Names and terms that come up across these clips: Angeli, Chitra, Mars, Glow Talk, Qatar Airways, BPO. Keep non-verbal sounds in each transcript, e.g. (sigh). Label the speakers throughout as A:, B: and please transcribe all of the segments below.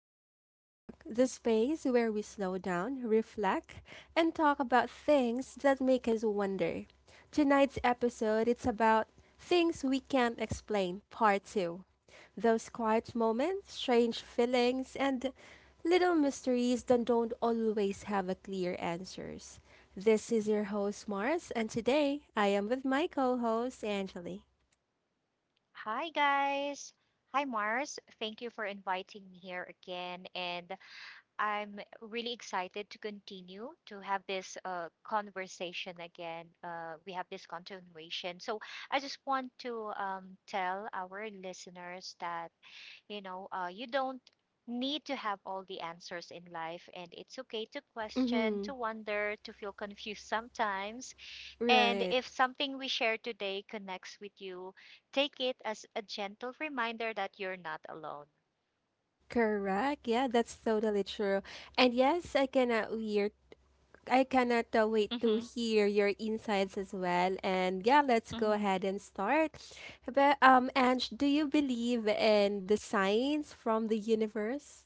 A: back to Glow Talk, the space where we slow down, reflect, and talk about things that make us wonder. Tonight's episode it's about things we can't explain, part two. Those quiet moments, strange feelings, and little mysteries that don't always have a clear answers. This is your host Mars, and today I am with my co-host Angeli.
B: Hi, guys. Hi, Mars. Thank you for inviting me here again. And I'm really excited to continue to have this conversation again. We have this continuation. So I just want to tell our listeners that, you know, you don't need to have all the answers in life, and it's okay to question,
A: Mm-hmm.
B: to wonder, to feel confused sometimes. And
A: Right.
B: if something we share today connects with you, take it as a gentle reminder that you're not alone.
A: Correct. Yeah, that's totally true. And yes, I cannot hear. I cannot wait to
B: Mm-hmm.
A: hear your insights as well. And yeah, let's go
B: Mm-hmm.
A: ahead and start. But Ange, do you believe in the signs from the universe,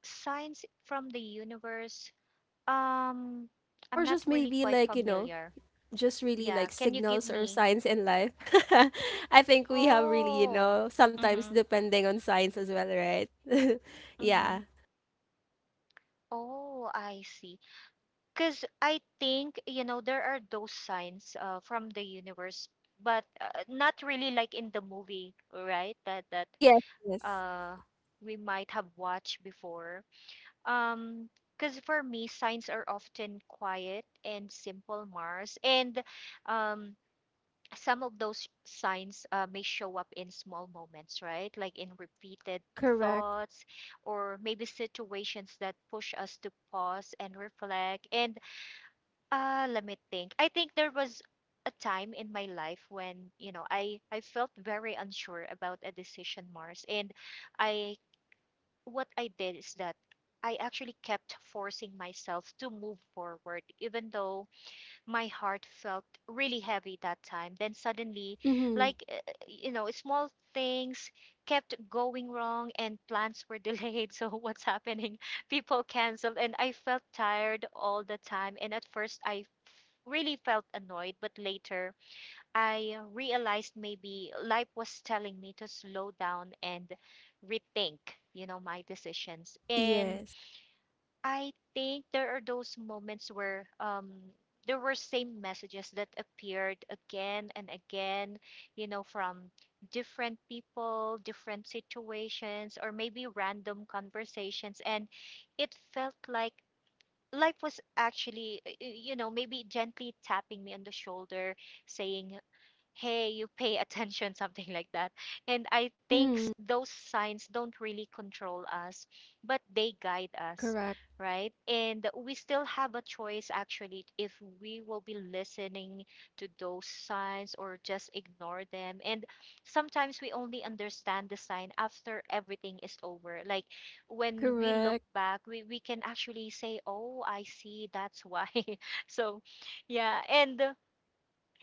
B: Signs from the universe. Um, I'm
A: or
B: not
A: just
B: really
A: maybe
B: quite
A: like
B: familiar.
A: just really
B: Yeah,
A: like
B: can you give
A: signals or
B: me?
A: signs in life? (laughs) I think we have really
B: Oh,
A: sometimes
B: mm-hmm.
A: depending on signs as well, right? (laughs)
B: Mm-hmm.
A: yeah.
B: Oh, I see. Because I think, you know, there are those signs from the universe, but not really like in the movie, right? That
A: Yes. Yes.
B: uh, we might have watched before. Um, because for me, signs are often quiet and simple, Mars, and um, some of those signs may show up in small moments, right? Like in repeated
A: Correct.
B: thoughts, or maybe situations that push us to pause and reflect. And let me think. I think there was a time in my life when, you know, I felt very unsure about a decision, Mars, and I what I did is that I actually kept forcing myself to move forward, even though my heart felt really heavy that time. Then suddenly,
A: Mm-hmm.
B: you know, small things kept going wrong and plans were (laughs) delayed. So, what's happening? (laughs) People canceled, and I felt tired all the time. And at first, I really felt annoyed, but later, I realized maybe life was telling me to slow down and rethink, you know, my decisions. And
A: Yes.
B: I think there are those moments where there were same messages that appeared again and again, you know, from different people, different situations, or maybe random conversations. And it felt like life was actually, you know, maybe gently tapping me on the shoulder saying, hey, you pay attention, (laughs) something like that. And I think
A: Mhm.
B: those signs don't really control us, but they guide us,
A: Correct.
B: right? And we still have a choice actually if we will be listening to those signs or just ignore them. And sometimes we only understand the sign after everything is over. Like when we look
A: Correct.
B: back, we can actually say, oh, I see, that's why. (laughs) So, yeah. And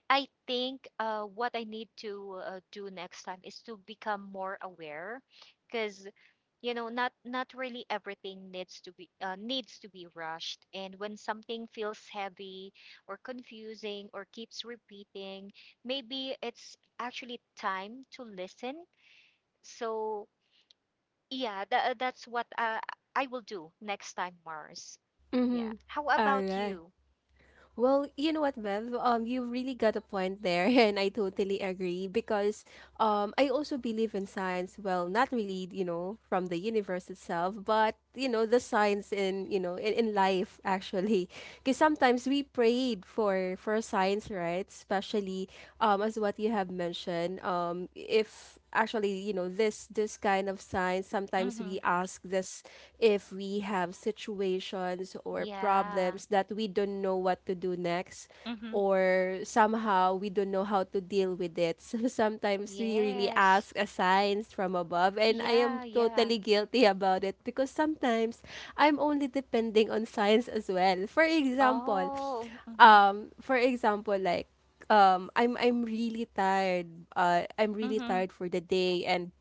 B: I think what I need to do next time is to become more aware, because you know not really everything needs to be rushed. And when something feels heavy or confusing or keeps repeating, maybe it's actually time to listen. So yeah, that's what I will do next time, Mars. Yeah.
A: Mm-hmm.
B: How
A: All
B: about
A: right.
B: you?
A: Well, you know what, Bev? You really got a point there, (laughs) and I totally agree because I also believe in science. Well, not really, from the universe itself, but the science in in life (laughs) actually, because sometimes we prayed for science, right? Especially as what you have mentioned, if actually this this kind of signs, sometimes
B: Mm-hmm.
A: we ask this if we have situations or
B: Yeah.
A: problems that we don't know what to do next
B: Mm-hmm.
A: or somehow we don't know how to deal with it. (laughs) So sometimes we really
B: Yes.
A: ask a signs from above and I am
B: Yeah, yeah.
A: totally guilty about it because sometimes I'm only depending on signs as well.
B: Oh, mhm,
A: For example like I'm really tired. I'm really
B: mhm,
A: tired for the day, and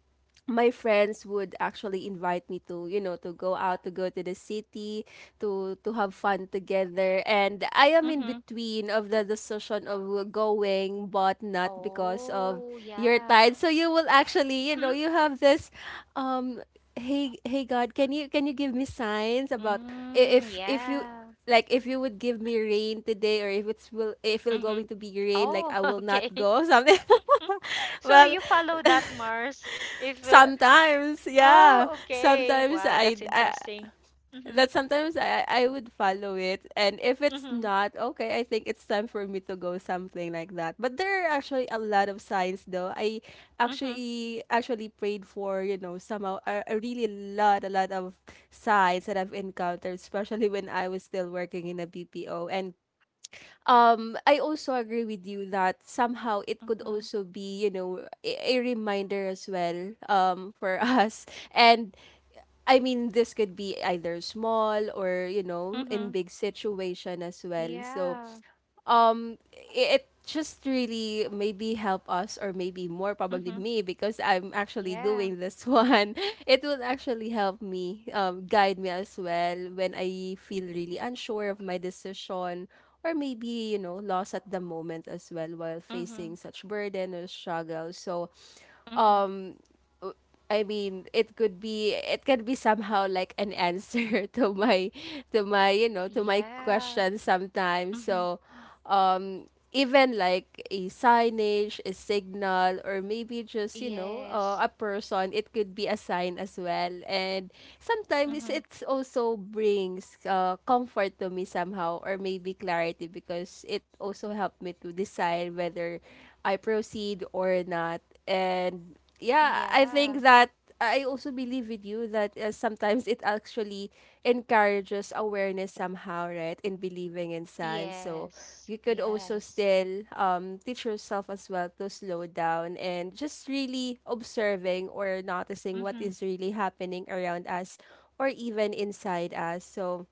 A: my friends would actually invite me to to go out, to go to the city to have fun together, and I am in
B: mhm.
A: between of the decision of going but not because of
B: Oh,
A: your
B: yeah.
A: time. So you will actually
B: Hmm.
A: you have this um hey, god, can you give me signs about
B: Mm,
A: if you,
B: yeah.
A: like, if you would give me rain today, or if it's will, if it's
B: Mhm.
A: going to be rain, like
B: Oh,
A: I
B: (laughs)
A: will not
B: okay.
A: go, (laughs) something.
B: (laughs)
A: (laughs)
B: So
A: well,
B: you follow that, Mars? If
A: sometimes, yeah.
B: Oh, okay.
A: Sometimes
B: Wow, that's
A: I
B: interesting. Mhm,
A: that sometimes I would follow it, and if it's
B: mhm,
A: not okay, I think it's time for me to go, something like that. But there are actually a lot of signs, though. I
B: mhm,
A: actually prayed for somehow a really lot a lot of signs that I've encountered, especially when I was still working in a BPO. And I also agree with you that somehow it could
B: mhm,
A: also be a reminder as well for (laughs) us. And I mean this could be either small or in
B: mhm.
A: big situation as well. So
B: Yeah.
A: um it just really maybe help us, or maybe more probably
B: Mhm.
A: me because I'm actually
B: Yeah.
A: doing this (laughs) one. It will actually help me, guide me as well when I feel really unsure of my decision, or maybe lost at the moment as well while
B: Mhm,
A: facing such burden or struggle. So
B: mhm.
A: um w- I mean it could be, it can be somehow like an answer (laughs) to my, to my
B: Yeah.
A: question sometimes.
B: Mhm.
A: So um even like a signage, a signal, or maybe just,
B: Yes.
A: a person, it could be a sign as well. And
B: Mhm.
A: sometimes it also brings comfort to me somehow, or maybe clarity, because it also helped me to decide whether I proceed or not. And yeah, I
B: Yeah.
A: think that. I also believe with you that sometimes it actually encourages awareness somehow, right? In believing in science. So
B: Yes.
A: you could also
B: Yes.
A: still teach yourself as well to slow down and just really observing or noticing what
B: Mhm.
A: is really happening around us, or even inside us. So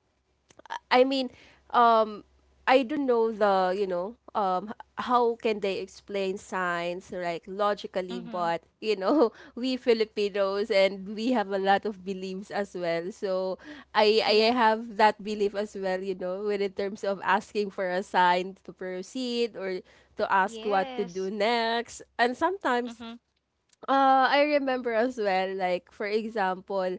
A: I mean, um, I don't know the, how can they explain science like logically,
B: Mhm.
A: but you know, (laughs) we Filipinos and we have a lot of beliefs as well. So I
B: Yeah.
A: have that belief as well, you know, when in terms of asking for a sign to proceed or to ask what to do
B: Yes.
A: next. And sometimes
B: Mhm.
A: I remember as well, like,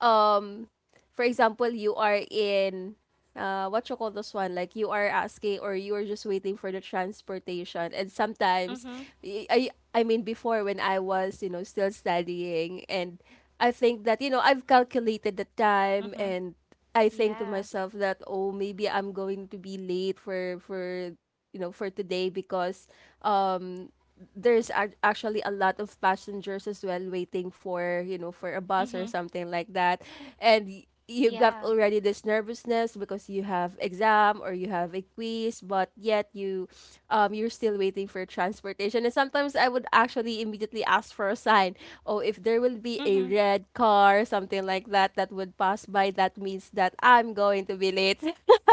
A: um, for example, you are in, what you call this one? Like, you are asking or you are just waiting for the transportation. And sometimes,
B: Mhm.
A: I mean, before when I was, still studying, and I think that, I've calculated the time,
B: Mhm.
A: and I think to
B: Yeah.
A: myself that, oh, maybe I'm going to be late for, for today, because, um, there's actually a lot of passengers as well waiting for for a bus
B: Mhm.
A: or something like that. And you got
B: Yeah.
A: already this nervousness because you have exam or you have a quiz, but yet you, you're still waiting for transportation. And sometimes I would actually immediately ask for a sign. Oh, if there will be a
B: Mhm.
A: red car, something like that, that would pass by, that means that I'm going to be late. (laughs)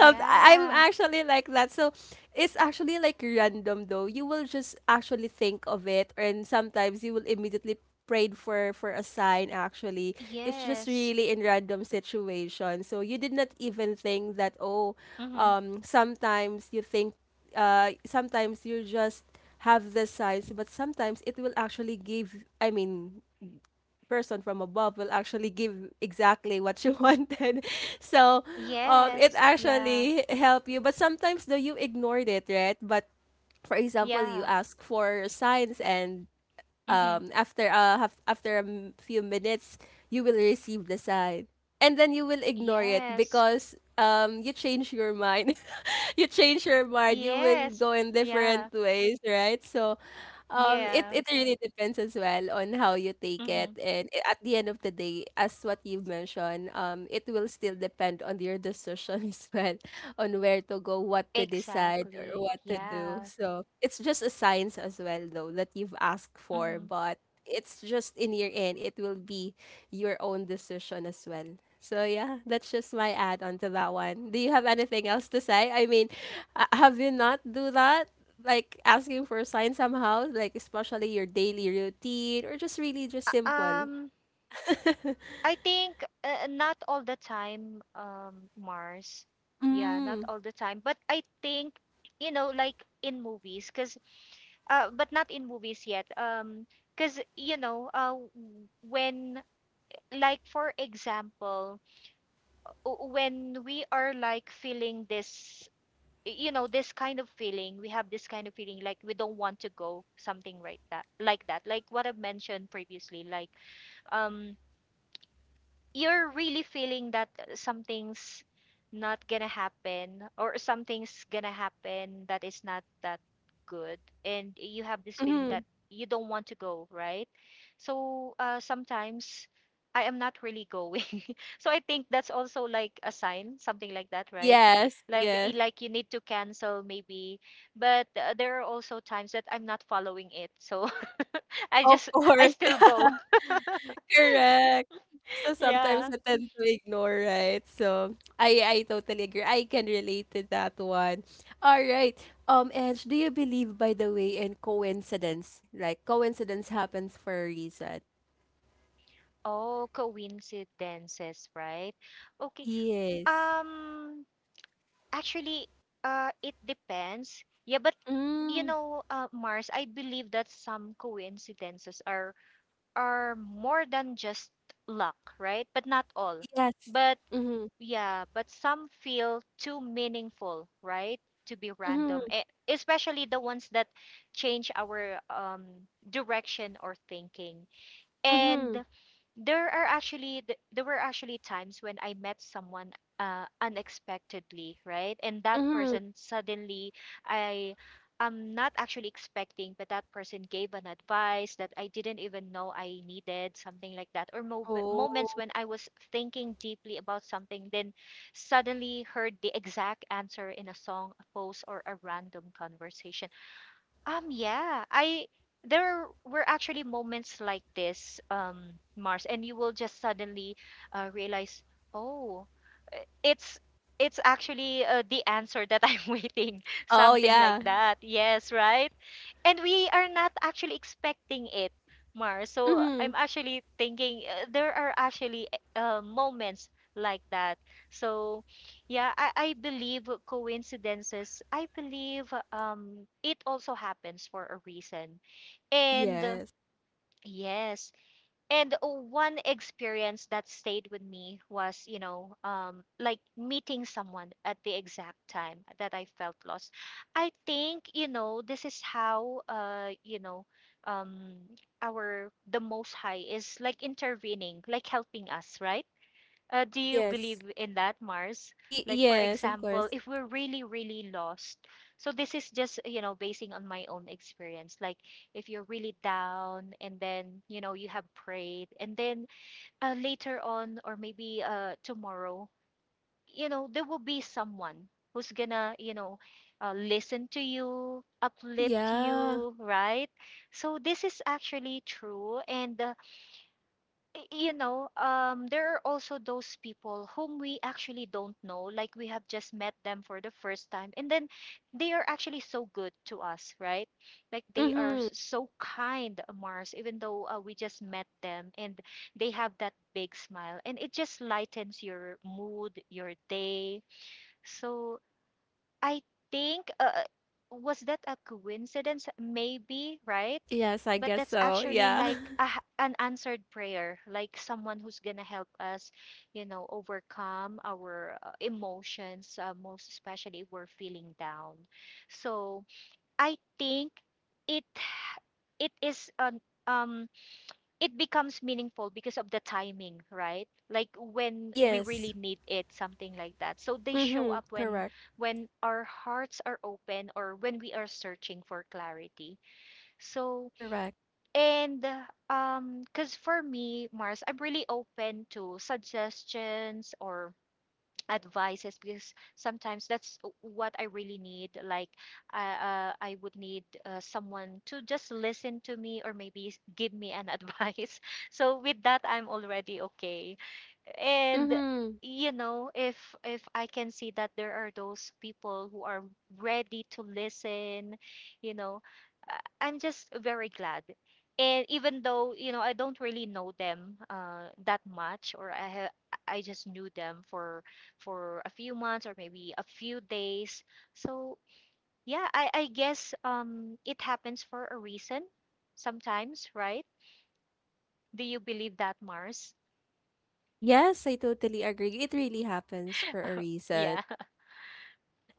A: Some- I'm actually like that. So it's actually like random, though. You will just actually think of it, and sometimes you will immediately prayed for a sign actually. It's just
B: Yes.
A: really in random situation. So you did not even think that, oh,
B: Mhm.
A: sometimes you think, sometimes you just have the signs, but sometimes it will actually give, I mean, person from above will actually give exactly what you (laughs) wanted. So, it
B: Yes. Yeah.
A: actually help you. But sometimes though you ignored it, right? But for example, you
B: Yeah.
A: ask for signs, and
B: Mhm.
A: after after a few minutes you will receive the sign, and then you will ignore it
B: Yes.
A: because you change your mind, (laughs) you change your mind you will
B: Yes.
A: go in different
B: Yeah.
A: ways, right? So it
B: Yeah.
A: it really depends as well on how you take it.
B: Mhm.
A: And at the end of the day, as what you've mentioned, it will still depend on your decision (laughs) as well on where to go, what to decide, or
B: Exactly.
A: what to do.
B: Yeah.
A: So it's just a science as well, though, that you've asked for,
B: Mhm.
A: but it's just in your end, it will be your own decision as well. So yeah, that's just my add on to that one. Do you have anything else to say? I mean, have you not do that? Like asking for a sign somehow, like especially your daily routine or just really just
B: Uh,
A: simple.
B: um I think not all the time, Mars. Yeah, not
A: Mm.
B: all the time. But I think, you know, like in movies, cause but not in movies yet. Cause you know, when, like, for example, when we are like feeling this, you know, this kind of feeling, we have this kind of feeling like we don't want to go something right that, like what I've mentioned previously, like um you're really feeling that something's not gonna happen or something's gonna happen that is not that good and you have this feeling
A: Mm-hmm.
B: that you don't want to go right, so sometimes I am not really going. (laughs) So I think that's also like a sign, something like that, right?
A: Yes,
B: Like
A: yes.
B: like you need to cancel maybe, but there are also times that I'm not following it, so (laughs) I
A: Of
B: just I
A: course.
B: still go. (laughs)
A: Correct. So sometimes
B: Yeah.
A: I tend to ignore, right? So I totally agree. I can relate to that one. All right. Edge, do you believe by the way in coincidence? Like coincidence happens for a reason.
B: Oh, coincidences, right? Okay.
A: Yes.
B: Um, actually, it depends. Yeah, but you
A: Mm,
B: know, Mars, I believe that some coincidences are more than just luck, right? But not all.
A: yes.
B: But
A: Mm-hmm.
B: yeah, but some feel too meaningful, right? To be random,
A: Mm-hmm.
B: especially the ones that change our direction or thinking.
A: Mm-hmm.
B: And there are actually there were actually times when I met someone unexpectedly, right? And that
A: Mm-hmm.
B: person suddenly I am not actually expecting, but that person gave an advice that I didn't even know I needed, something like that. Or moments
A: Oh.
B: when I was thinking deeply about something, then suddenly heard the exact answer in a song, a post, or a random conversation. Yeah, I there were actually moments like this, Mars, and you will just suddenly realize, oh, uh, it's it's actually the answer that I'm (laughs) waiting,
A: Oh
B: something like
A: yeah.
B: that. Yes, right? And we are not actually expecting it, Mars. So
A: Mm-hmm.
B: I'm actually thinking there are actually moments like that. So yeah, I believe coincidences. I believe it also happens for a reason. And
A: Yes.
B: yes, and one experience that stayed with me was, you know, like meeting someone at the exact time that I felt lost. I think, you know, this is how um our the most high is like intervening, like helping us, right? Do you believe
A: Yes.
B: in that, Mars? Like, for
A: Yes, of
B: example,
A: course.
B: if we're really, really lost, so this is just, you know, basing on my own experience. Like, if you're really down and then, you know, you have prayed, and then later on, or maybe tomorrow, you know, there will be someone who's gonna, you know, listen to you, uplift
A: Yeah.
B: you, right? So, this is actually true. And, you know, there are also those people whom we actually don't know, like we have just met them for the first time, and then they are actually so good to us, right? Like they are
A: Mm-hmm.
B: so kind, Mars, even though we just met them, and they have that big smile, and it just lightens your mood, your day. So I think, was that a coincidence? Maybe, right?
A: Yes, I
B: But
A: guess
B: that's
A: so.
B: actually
A: Yeah.
B: like
A: (laughs)
B: an answered prayer, like someone who's gonna help us, you know, overcome our emotions, most especially if we're feeling down. So I think it it is an um it becomes meaningful because of the timing, right? Like when we
A: Yes.
B: really need it, something like that. So they show
A: Mm-hmm.
B: up
A: Correct.
B: when our hearts are open or when we are searching for clarity. So
A: Correct.
B: and because for me, Mars, I'm really open to suggestions or advices because sometimes that's what I really need. Like, I would need someone to just listen to me or maybe give me an (laughs) advice. So with that, I'm already okay, and
A: Mm-hmm.
B: you know if I can see that there are those people who are ready to listen, you know, I'm just very glad. And even though you know I don't really know them that much or I just knew them for a few months or maybe a few days. So yeah, I I guess it happens for a reason sometimes, right? Do you believe that, Mars?
A: Yes, I totally agree. It really happens for a
B: Yeah.
A: reason.
B: (laughs)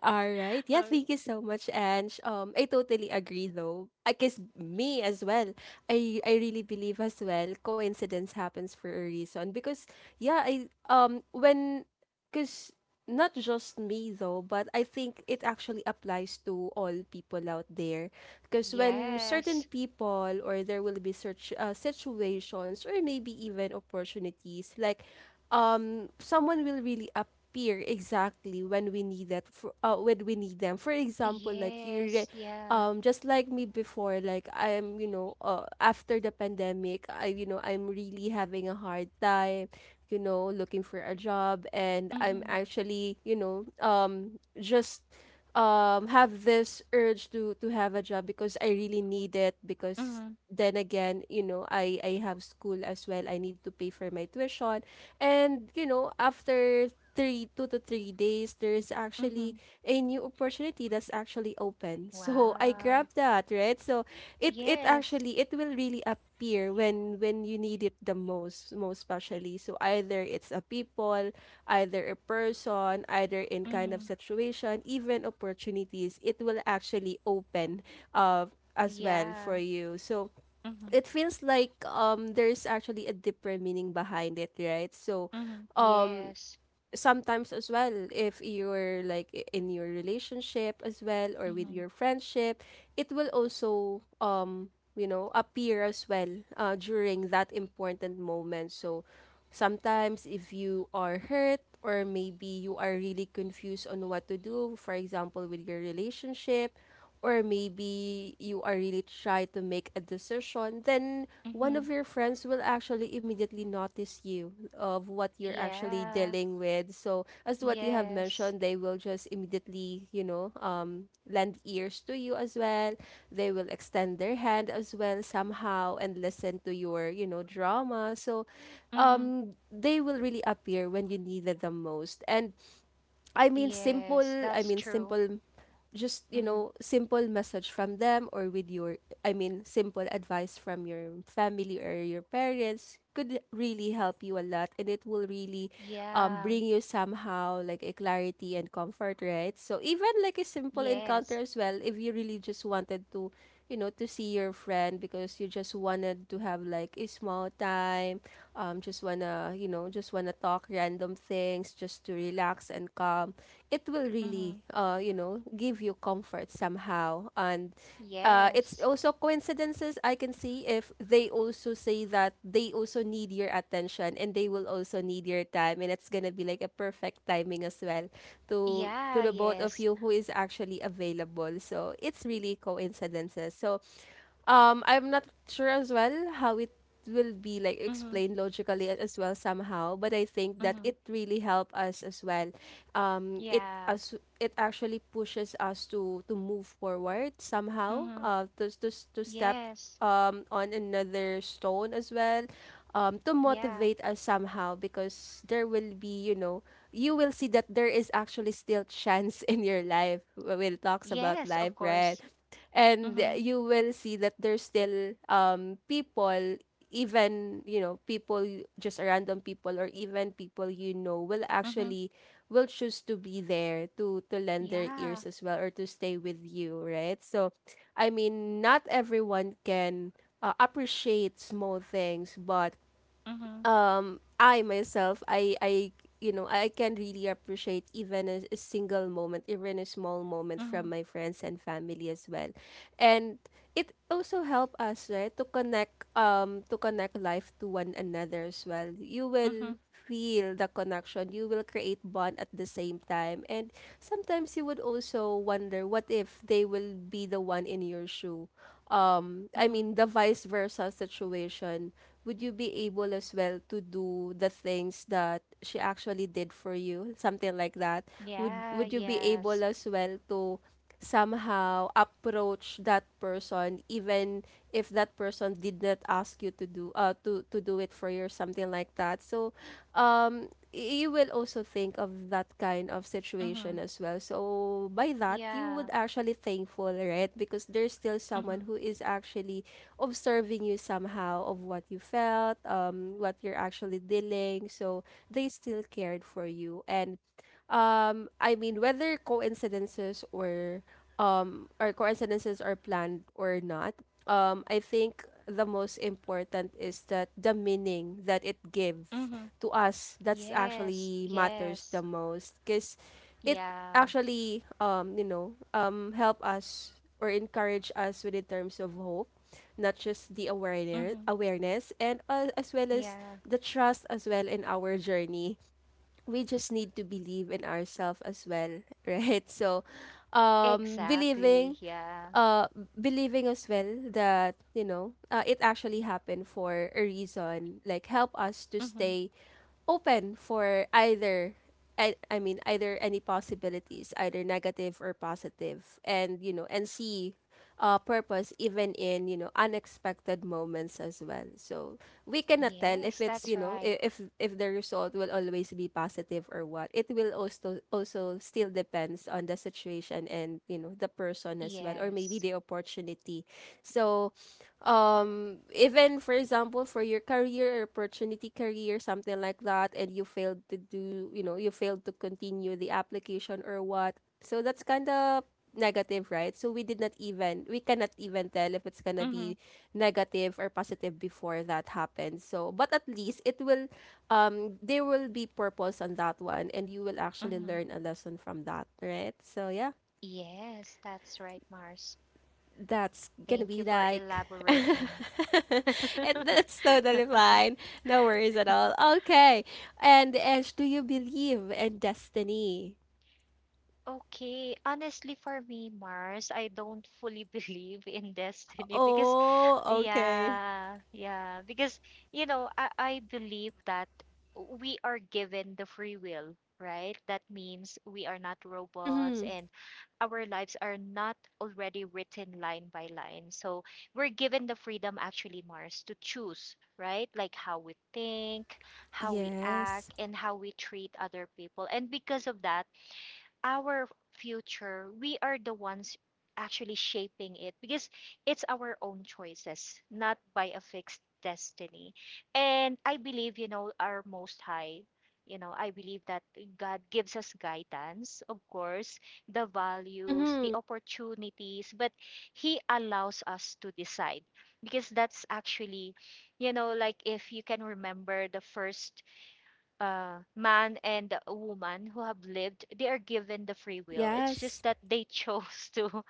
A: All right. Yeah, thank you so much, Ange. I totally agree though. I guess me as well. I really believe as well. Coincidence happens for a reason because, yeah, I when, because, not just me though, but I think it actually applies to all people out there. Because when certain
B: Yes.
A: people, or there will be such situations or maybe even opportunities, like someone will really appear exactly when we need that for, when we need them. For example, like you
B: Yes, yeah.
A: just like me before, like I am, you know, after the pandemic, I, you know, I'm really having a hard time, you know, looking for a job, and I'm
B: Mm-hmm.
A: actually, you know, just have this urge to have a job because I really need it, because
B: Mm-hmm.
A: then again, you know, I have school as well. I need to pay for my tuition. And, you know, after three two to 3 days, there's
B: Mm-hmm.
A: actually a new opportunity that's actually open. (laughs) So I
B: Wow.
A: grabbed that, right? So it
B: Yes.
A: actually it will really appear when you need it the most, most especially. So either it's a people, either a person, either in kind of
B: Mm-hmm.
A: situation, even opportunities, it will actually open uh as well
B: Yeah.
A: for you. So
B: Mm-hmm.
A: it feels like there's actually a deeper meaning behind it, right? So
B: Mm-hmm. Yes.
A: sometimes as well, if you're like in your relationship as well or with
B: Mm-hmm.
A: your friendship, it will also you know appear as well during that important moment. So sometimes if you are hurt or maybe you are really confused on what to do, for example with your relationship, or maybe you are really trying to make a decision, then one
B: Mm-hmm.
A: of your friends will actually immediately notice you of what you're actually
B: Yeah.
A: dealing with. So, as to what you have
B: Yes.
A: mentioned, they will just immediately, you know, lend ears to you as well. They will extend their hand as well somehow and listen to your, you know, drama. So,
B: Mm-hmm.
A: they will really appear when you needed them most. And I mean simple
B: Yes,
A: I
B: that's
A: mean
B: true.
A: simple just you
B: Mm-hmm.
A: know simple message from them or with your I mean simple advice from your family or your parents could really help you a lot, and it will really
B: Yeah.
A: bring you somehow like a clarity and comfort, right? So even like a simple encounter
B: Yes.
A: as well, if you really just wanted to you know to see your friend because you just wanted to have like a small time, just wanna you know just wanna talk random things just to relax and calm. It will really
B: Mm-hmm.
A: you know give you comfort somehow. And it's
B: Yes.
A: also coincidences I can see if they also say that they also need your attention and they will also need your time, and it's gonna be like a perfect timing as well to
B: Yeah,
A: the both of
B: yes.
A: you who is actually available. So it's really coincidences. So I'm not sure as well how it will be like
B: Mm-hmm.
A: explained logically as well somehow, but I think that
B: Mm-hmm.
A: it really helped us as well. It
B: Yeah.
A: as it actually pushes us to move forward somehow.
B: Mm-hmm.
A: To to step
B: Yes.
A: on another stone as well. To
B: Yeah.
A: motivate us somehow, because there will be you know you will see that there is actually still chance (laughs) in your life. We'll talks about
B: Yes, of
A: life,
B: course.
A: right? And
B: Mm-hmm.
A: you will see that there's still people, even you know people just random people or even people you know will
B: Mm-hmm.
A: actually will choose to be there to lend their
B: Yeah.
A: ears as well or to stay with you, right? So I mean not everyone can appreciate small things, but
B: Mhm.
A: I myself I you know I can really appreciate even a single moment, even a small moment
B: Mhm.
A: from my friends and family as well. And it also help us, right, to connect life to one another as well. You
B: Mhm.
A: will feel the connection, you will create bond at the same time. And sometimes you would also wonder, what if they will be the one in your shoe? I
B: Mhm.
A: mean the vice versa situation. Would you be able as well to do the things that she actually did for you? Something like that. Would
B: Yeah,
A: would you be able
B: yes.
A: as well to somehow approach that person, even if that person did not ask you to do to do it for you or something like that. So you will also think of that kind of
B: Mhm.
A: situation as well. So by that you
B: Yeah.
A: would actually thankful, right? Because there's still someone
B: Mhm.
A: who is actually observing you somehow of what you felt, what you're actually dealing. So they still cared for you. And I mean, whether coincidences or coincidences are planned or not, I think the most important is that the meaning that it gives
B: Mhm.
A: to us, that's
B: Yes.
A: actually matters
B: Yes.
A: the most. Because it
B: Yeah.
A: actually you know help us or encourage us with in terms of hope, not just the awareness
B: Mhm.
A: awareness and as well as
B: Yeah.
A: the trust as well in our journey. We just need to believe in ourselves as well. (laughs) Right? So
B: Exactly.
A: believing
B: Yeah.
A: uh believing as well that you know it actually happened for a reason, like help us to
B: Mhm.
A: stay open for either I mean either any possibilities, either negative or positive, and you know and see purpose even in you know unexpected moments as well. So we cannot tell if
B: Yes,
A: it's
B: that's
A: you know
B: right.
A: if the result will always be positive or what. It will also still depends on the situation and you know the person as well, or maybe
B: Yes.
A: the opportunity. So even for example for your career opportunity, career, something like that, and you failed to do you know you failed to continue the application or what. So that's kind of negative, right? So we did not even we cannot even tell if it's gonna
B: Mhm.
A: be negative or positive before that happens. So but at least it will there will be purpose on that one, and you will actually
B: Mhm.
A: learn a lesson from that, right? So yeah,
B: Yes, that's right, Mars.
A: that's gonna
B: Thank you
A: be
B: for
A: like (laughs)
B: elaborating.
A: and that's totally
B: (laughs)
A: fine, no worries at all. Okay. And Ash, do you believe in destiny?
B: Okay, honestly, for me, Mars, I don't fully (laughs) believe in destiny because
A: Oh okay.
B: yeah, yeah. Because, you know, I believe that we are given the free will, right? That means we are not robots
A: Mm-hmm.
B: and our lives are not already written line by line. So we're given the freedom, actually, Mars, to choose, right? Like how we think, how we
A: Yes.
B: act, and how we treat other people. And because of that, our future, we are the ones actually shaping it because it's our own choices, not by a fixed destiny. And I believe, you know, our Most High, you know, I believe that God gives us guidance, of course, the values,
A: Mm-hmm.
B: the opportunities, but He allows us to decide because that's actually, you know, like if you can remember the first man and a woman who have lived, they are given the free will. It's
A: Yes.
B: just that they chose (laughs) to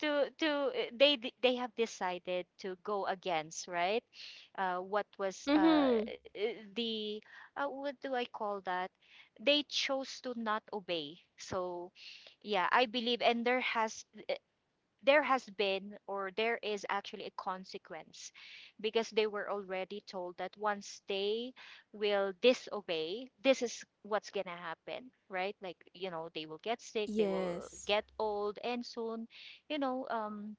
B: they have decided to go against. Right, what was
A: Mm-hmm.
B: eh, eh, the what do I call that? They chose to not obey. So yeah, I believe, and there has been, or there is actually a consequence, because they were already told that once they will disobey, this is what's going to happen, right? Like, they will get sick, they will
A: Yes.
B: get old, and soon, you know um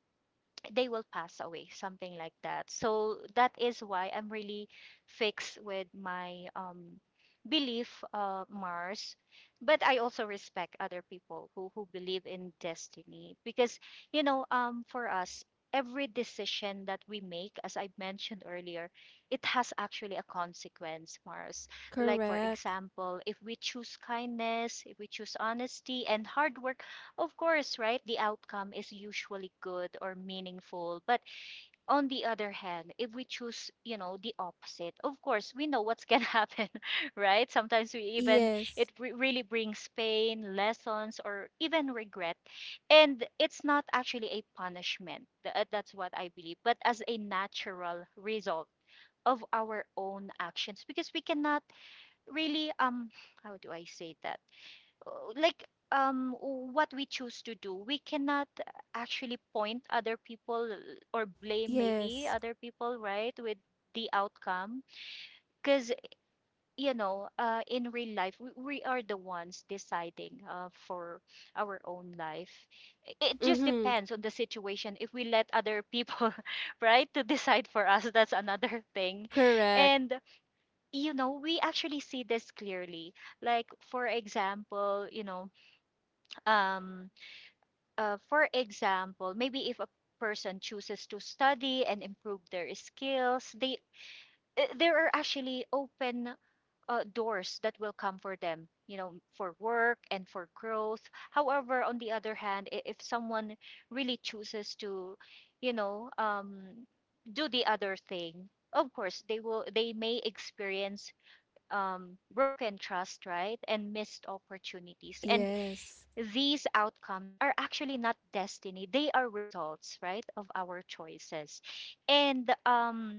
B: they will pass away, something like that. So that is why I'm really fixed with my belief, Mars. But I also respect other people who believe in destiny because, for us, every decision that we make, as I mentioned earlier, it has actually a consequence, Mars. Like, for
A: Correct.
B: example, if we choose kindness, if we choose honesty and hard work, of course, right? The outcome is usually good or meaningful. But on the other hand, if we choose, you know, the opposite, of course, we know what's going to (laughs) happen, right? Sometimes we even,
A: Yes.
B: really brings pain, lessons, or even regret. And it's not actually a punishment. That's what I believe, but as a natural result of our own actions, because we cannot really how do I say that like um what we choose to do, we cannot actually point other people or blame maybe
A: Yes.
B: other people, right, with the outcome. Because, you know, in real life we are the ones deciding, for our own life. It just
A: Mm-hmm.
B: depends on the situation; if we let other people (laughs) right to decide for us, that's another thing.
A: Correct.
B: And you know, we actually see this clearly. Like for example you know um for example, maybe if a person chooses to study and improve their skills, they there are actually open doors that will come for them, you know, for work and for growth. However, on the other hand, if someone really chooses to, you know, um, do the other thing, of course they may experience broken trust, right, and missed opportunities. And
A: Yes.
B: these outcomes are actually not destiny, they are results, right, of our choices. and um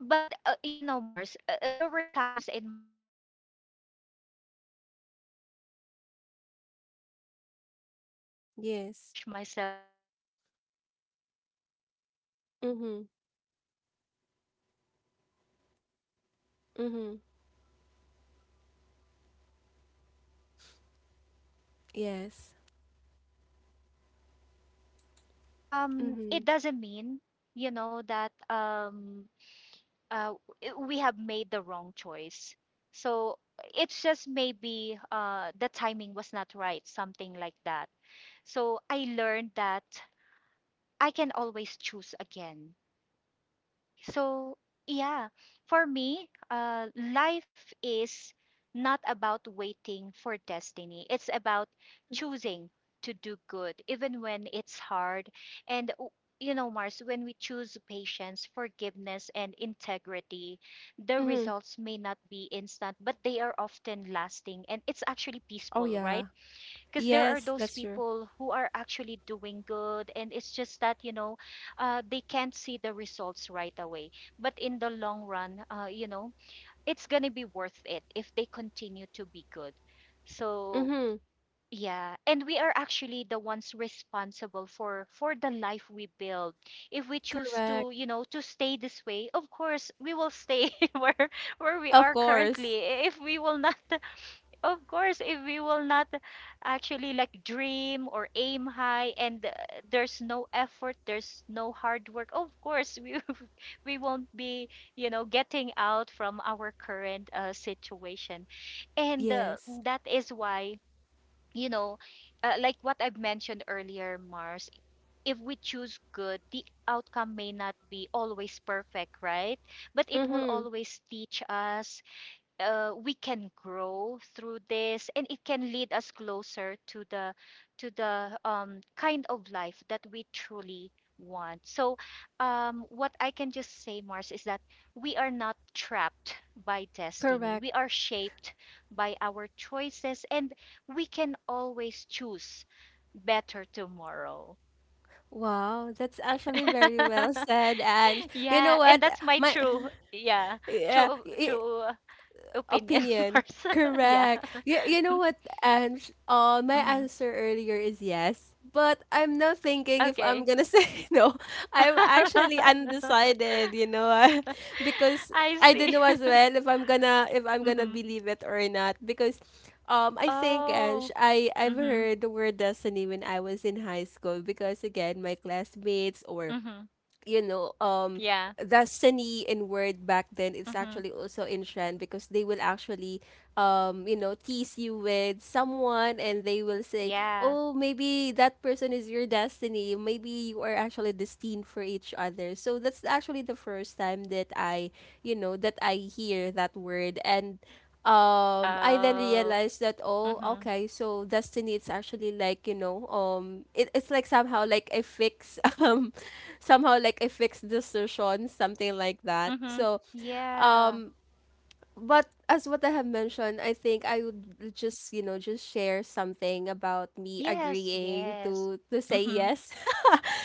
B: but uh, you know, Mars, there were times in my life when things really didn't work out. Even though I did good, (laughs) something like that, I really
A: Yes.
B: pushed myself hard. I focused. It's just that it's not all
A: Mm-hmm.
B: the time that we will be winning. We will be successful, right, in our
A: Mm-hmm.
B: life. There will always be times that, you know, we might
A: Yes.
B: fail. So yeah, but
A: Mm-hmm.
B: it doesn't mean, you know, uh, we have made the wrong choice. So it's just maybe the timing was not right, something like that. So I learned that I can always choose again. So, yeah, for me, life is not about waiting for destiny. It's about
A: Mm-hmm.
B: choosing to do good, even when it's hard. And, you know, Mars, when we choose patience, forgiveness, and integrity, the
A: Mm-hmm.
B: results may not be instant, but they are often lasting, and it's actually
A: Oh
B: peaceful,
A: yeah.
B: right? Because there are
A: Yes,
B: those
A: that's true.
B: people who are actually doing good, and it's just that, you know, they can't see the results right away, but in the long run, you know, it's gonna be worth it if they continue to be good. So
A: Mm-hmm.
B: yeah, and we are actually the ones responsible for the life we build. If we choose
A: Correct.
B: to, you know, to stay this way, of course we will stay (laughs) where we
A: Of
B: are
A: course.
B: currently. If we will not, of course, if we will not actually like dream or aim high, and there's no effort, there's no hard work, of course we (laughs) we won't be, you know, getting out from our current situation. And
A: Yes.
B: That is why, you know, like what I've mentioned earlier, Mars, if we choose good, the outcome may not be always perfect, right? But it will
A: Mm-hmm.
B: always teach us, we can grow through this, and it can lead us closer to the kind of life that we truly want. So what I can just say, Mars, is that we are not trapped by destiny,
A: Correct.
B: we are shaped by our choices, and we can always choose better tomorrow.
A: Wow, that's actually
B: (laughs)
A: very well (laughs) said. And you know
B: Yeah,
A: what?
B: and that's my
A: My
B: true, yeah,
A: (laughs) yeah,
B: true true opinion, (laughs)
A: opinion.
B: Mars. (laughs) Yeah.
A: Correct. You know what, Ange? My
B: Mhm.
A: answer earlier is yes, but I'm not thinking if I'm
B: Okay.
A: gonna (laughs) say no. I'm actually
B: (laughs)
A: undecided, you know. (laughs) Because
B: I
A: I don't
B: see.
A: know as
B: (laughs)
A: well if I'm gonna
B: Mhm.
A: believe it or not. Because I think, Ange,
B: Oh.
A: I've
B: Mhm.
A: heard the word destiny when I was in high school, because again my classmates or
B: Mhm.
A: you know,
B: Yeah.
A: the Sini in word back then, it's
B: Mhm.
A: actually also in trend, because they will actually, you know, tease you with someone and they will say,
B: Yeah.
A: oh, maybe that person is your destiny. Maybe you are actually destined for each other. So that's actually the first time that I, you know, that I hear that word. And I then
B: Oh.
A: realized that, oh
B: Mhm.
A: okay, so destiny, it's actually like you know it's like somehow like a fix (laughs) somehow like a fix distortion, something like that.
B: Mhm.
A: So
B: Yeah.
A: um but as what I have mentioned, I think I would just you know just share something about me
B: Yes.
A: agreeing
B: Yes.
A: to say
B: Mhm.
A: yes. (laughs)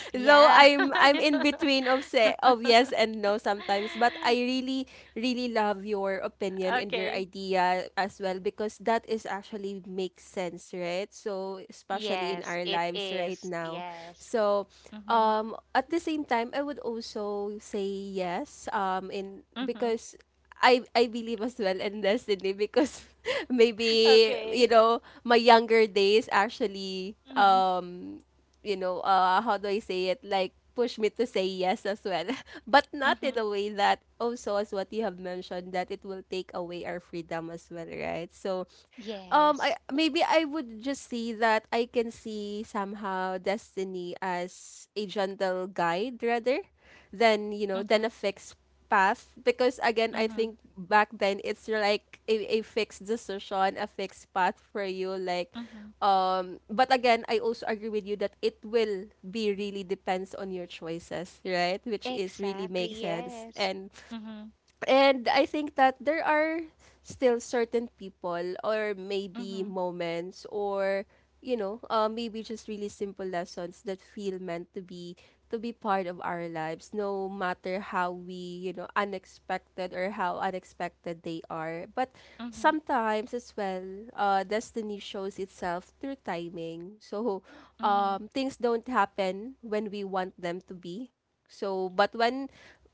A: (laughs) Though
B: Yeah.
A: I'm in between of say of yes
B: (laughs)
A: and no sometimes, but I really really love your opinion and your
B: Okay.
A: idea as well, because that is actually makes sense, right? So especially in
B: Yes,
A: our
B: it
A: lives right
B: is.
A: now.
B: Yes.
A: So
B: Mhm.
A: at the same time I would also say yes in
B: Mhm.
A: because I believe as well in destiny, because (laughs) maybe
B: Okay.
A: you know my younger days actually
B: Mhm.
A: you know, how do I say it? Like push me to say yes as well, (laughs) but not
B: Mhm.
A: in a way that also as what you have mentioned, that it will take away our freedom as well, right? So I
B: Yes.
A: maybe I would just see that I can see somehow destiny as a gentle guide rather than you know than a
B: Mhm.
A: fixed path. Because again I
B: Mhm.
A: think back then it's like a fixed decision, a fixed path for you, like
B: Mhm.
A: but again I also agree with you that it will be really depends on your choices, right? Which is really
B: Exactly,
A: makes sense.
B: yes.
A: and
B: Mm-hmm.
A: and I think that there are still certain people or maybe
B: Mm-hmm.
A: moments or you know, maybe just really simple lessons that feel meant to be part of our lives, no matter how we, you know, unexpected or how unexpected they are. But
B: Mm-hmm.
A: sometimes as well, destiny shows itself through timing. So,
B: Mm-hmm.
A: things don't happen when we want them to be so, but when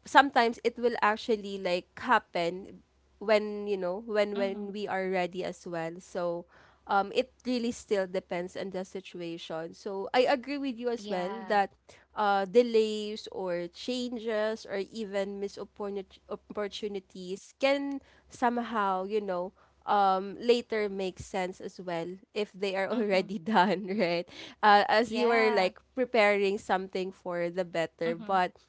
A: sometimes it will actually like happen when, you know, when
B: Mm-hmm.
A: we are ready as well. So, it really still depends on the situation. So, I agree with you as well
B: Yeah.
A: that delays or changes or even missed opportunities can somehow, you know, later makes sense as well if they are
B: Mm-hmm.
A: already (laughs) done, right? As you are
B: Yeah.
A: like preparing something for the better.
B: Mm-hmm.
A: But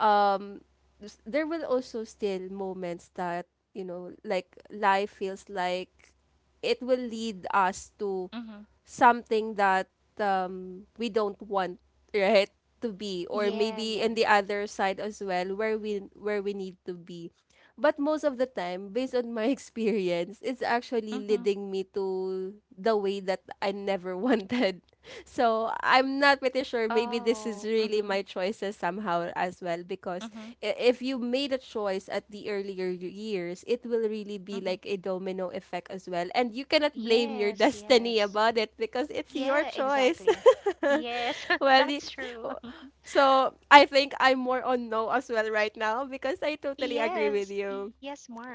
A: um there will also still moments that you know like life feels like it will lead us to
B: Mm-hmm.
A: something that we don't want, right, to be, or
B: Yeah,
A: maybe
B: yeah.
A: in the other side as well, where we need to be. But most of the time, based on my (laughs) experience, it's actually
B: Mm-hmm.
A: leading me to the way that I never (laughs) wanted. So I'm not pretty sure. Maybe this is
B: Oh.
A: really
B: Mm-hmm.
A: my choices somehow as well. Because
B: Mm-hmm.
A: if you made a choice at the earlier years, it will really be
B: Mm-hmm.
A: like a domino effect as well. And you cannot blame your (laughs)
B: Yes,
A: destiny
B: yes.
A: about it, because it's your
B: Yeah,
A: choice.
B: exactly. Yes,
A: (laughs)
B: (laughs)
A: well, y-
B: that's true. (laughs)
A: so I think I'm more on no as well right now because I totally agree
B: Yes,
A: with you
B: yes, Mars.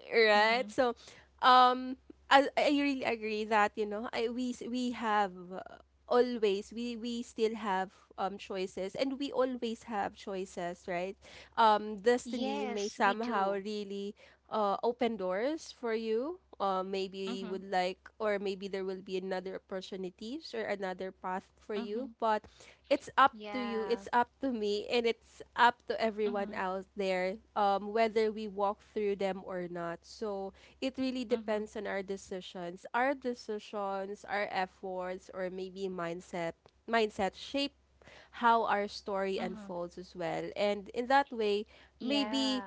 B: Mm-hmm.
A: right. So um I really agree that we have always we still have choices, and we always have choices, right?
B: Yes,
A: Destiny
B: we
A: may
B: do.
A: somehow really open doors for you, maybe
B: Mm-hmm.
A: you would like, or maybe there will be another opportunities or another path for
B: Mm-hmm.
A: you. But it's up to you,
B: Yeah.
A: it's up to me, and it's up to
B: Mm-hmm.
A: everyone out there, whether we walk through them or not. So it really
B: Mm-hmm.
A: depends on our decisions. Our decisions, our efforts, or maybe mindset. Mindset shape how our story
B: Mm-hmm.
A: unfolds as well. And in that way,
B: Yeah.
A: maybe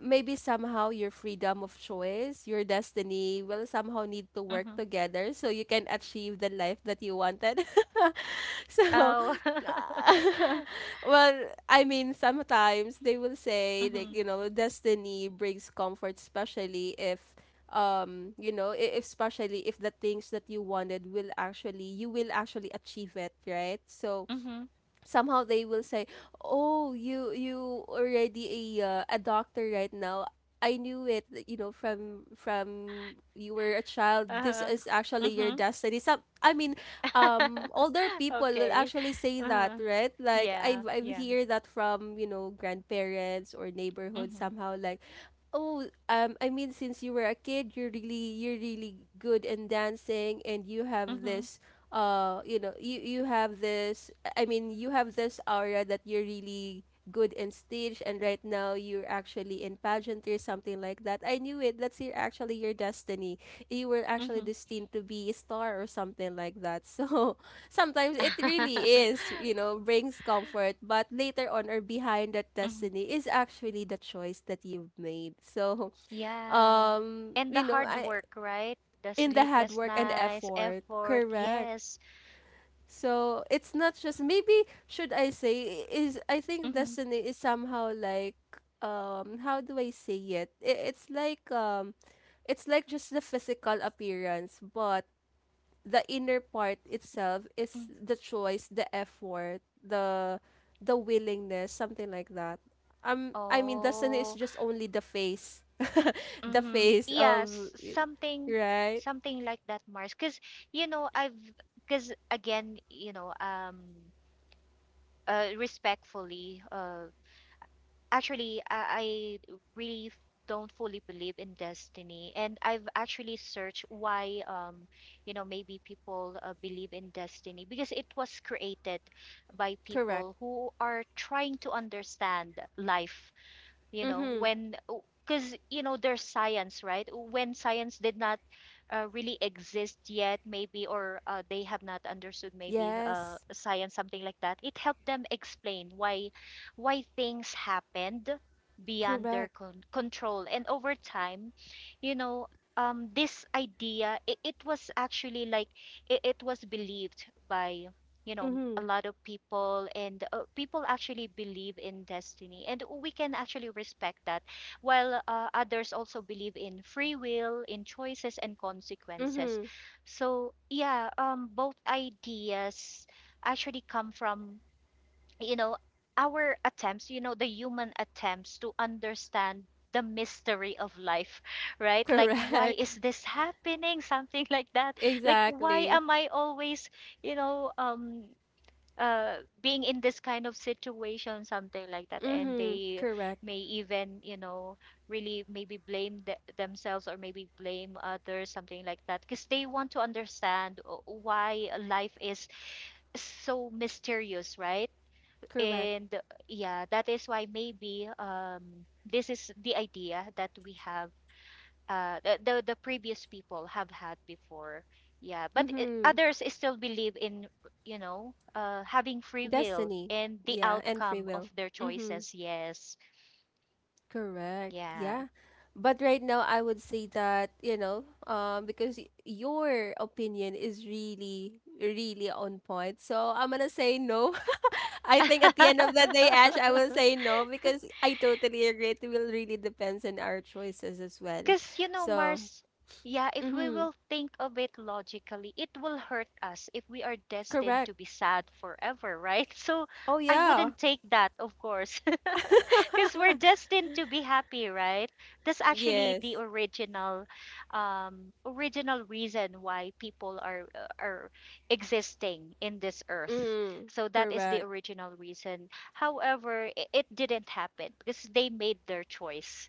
A: maybe somehow your freedom of choice, your destiny will somehow need to
B: Mm-hmm.
A: work together so you can achieve the life that you wanted. (laughs) (laughs) So,
B: Oh. (laughs)
A: uh, (laughs) well, I mean, sometimes they will say like,
B: Mhm,
A: you know, destiny brings comfort, especially if especially if the things that you wanted will actually, you will actually achieve it, right? So
B: mhm,
A: somehow they will say, "Oh, you already a doctor right now. I knew it. You know, from you were a child. This
B: uh-huh,
A: is actually your
B: mhm.
A: destiny." I mean,
B: (laughs)
A: older people will
B: Okay.
A: actually say that,
B: Uh-huh.
A: right? Like I
B: Yeah,
A: have I have
B: yeah.
A: hear that from, you know, grandparents or neighborhood
B: Mhm,
A: somehow like. Oh, I mean, since you were a kid, you're really good in dancing, and you have
B: mhm,
A: this, you know, you have this, I mean, you have this aura that you're really good in stage, and right now you're actually in pageantry, something like that. I knew it. That's your actually your destiny. You were actually
B: mhm.
A: destined to be a star or something like that. So (laughs) sometimes it really is,
B: (laughs)
A: you know, brings comfort, but later on or behind that
B: Mhm.
A: destiny is actually the choice that you've made. So,
B: Yeah. And
A: you
B: the
A: know,
B: hard
A: I
B: work, right? The
A: in the hard
B: sleepless
A: work and
B: nights,
A: effort,
B: effort,
A: correct.
B: yes.
A: So it's not just, maybe should I say is, I think
B: Mm-hmm.
A: destiny is somehow like, how do I say it? It's like, it's like just the physical appearance, but the inner part itself is
B: Mm-hmm.
A: the choice, the effort, the willingness, something like that. I mean destiny is
B: Oh,
A: just only the face. (laughs) The
B: mm-hmm.
A: face of,
B: Yes,
A: right?
B: something like that, Mars. Because, you know, I've because again, you know, respectfully. Actually, I really don't fully believe in destiny, and I've actually searched why. You know, maybe people believe in destiny because it was created by
A: Correct.
B: people who are trying to understand life, you know,
A: Mhm.
B: when, because, you know, there's science, right? When science did not really exist yet maybe, or they have not understood maybe
A: Yes.
B: science, something like that. It helped them explain why, things happened beyond their
A: Correct.
B: control. And over time, you know, this idea, it was actually like, it was believed by, you know, a
A: Mhm.
B: lot of people. And people actually believe in destiny, and we can actually respect that, while others also believe in free will, in choices and consequences.
A: Mm-hmm.
B: So yeah, both ideas actually come from, you know, our attempts, you know, the human attempts to understand the mystery of life, (laughs) right? Like, why
A: Correct.
B: is
A: (laughs)
B: this happening? (laughs) Something like that. Like, why
A: Exactly.
B: am I always, you know, uh being in this kind of situation, something like that. And
A: Mm-hmm.
B: they
A: Correct.
B: may even, you know, really maybe blame themselves, or maybe blame others, something like that, because they want to understand, why life is so mysterious, right?
A: Correct.
B: and Yeah, that is why maybe, this is the idea that we have, the previous people have had before. Yeah, but
A: Mm-hmm.
B: others still believe in, you know, having free will
A: Destiny.
B: and the
A: Yeah, and free
B: outcome of
A: will.
B: their
A: Mm-hmm.
B: choices. Yes,
A: Correct.
B: yeah.
A: Yeah. But right now I would say that, you know, because your opinion is really, really on point. So I'm gonna say no. (laughs) I
B: (laughs)
A: think at the end of the day, Ash, I will say no because I totally agree. It will really depends on our choices as well.
B: Because, you know,
A: So,
B: Mars, yeah, if we
A: mm-hmm.
B: will think of it logically, it will hurt us if we are destined
A: Correct.
B: to be sad forever, right? (laughs) So
A: Oh
B: I
A: yeah.
B: wouldn't take that, of course, because we're destined to be happy, right? That's actually the
A: Yes.
B: original, original reason why people are, existing in this earth.
A: Mm.
B: So that is the
A: Correct.
B: original reason. However, it didn't happen because they made their choice,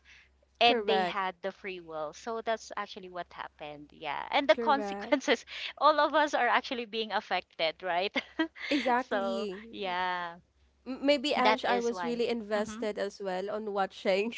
B: and they
A: Correct.
B: had the free will. So that's actually what happened. Yeah, and the
A: Correct.
B: consequences, (laughs) all of us are actually being affected, right? (laughs) So
A: Exactly.
B: yeah,
A: Maybe
B: that
A: Ange, I
B: is
A: was
B: why.
A: really
B: Mhm.
A: invested as well on watching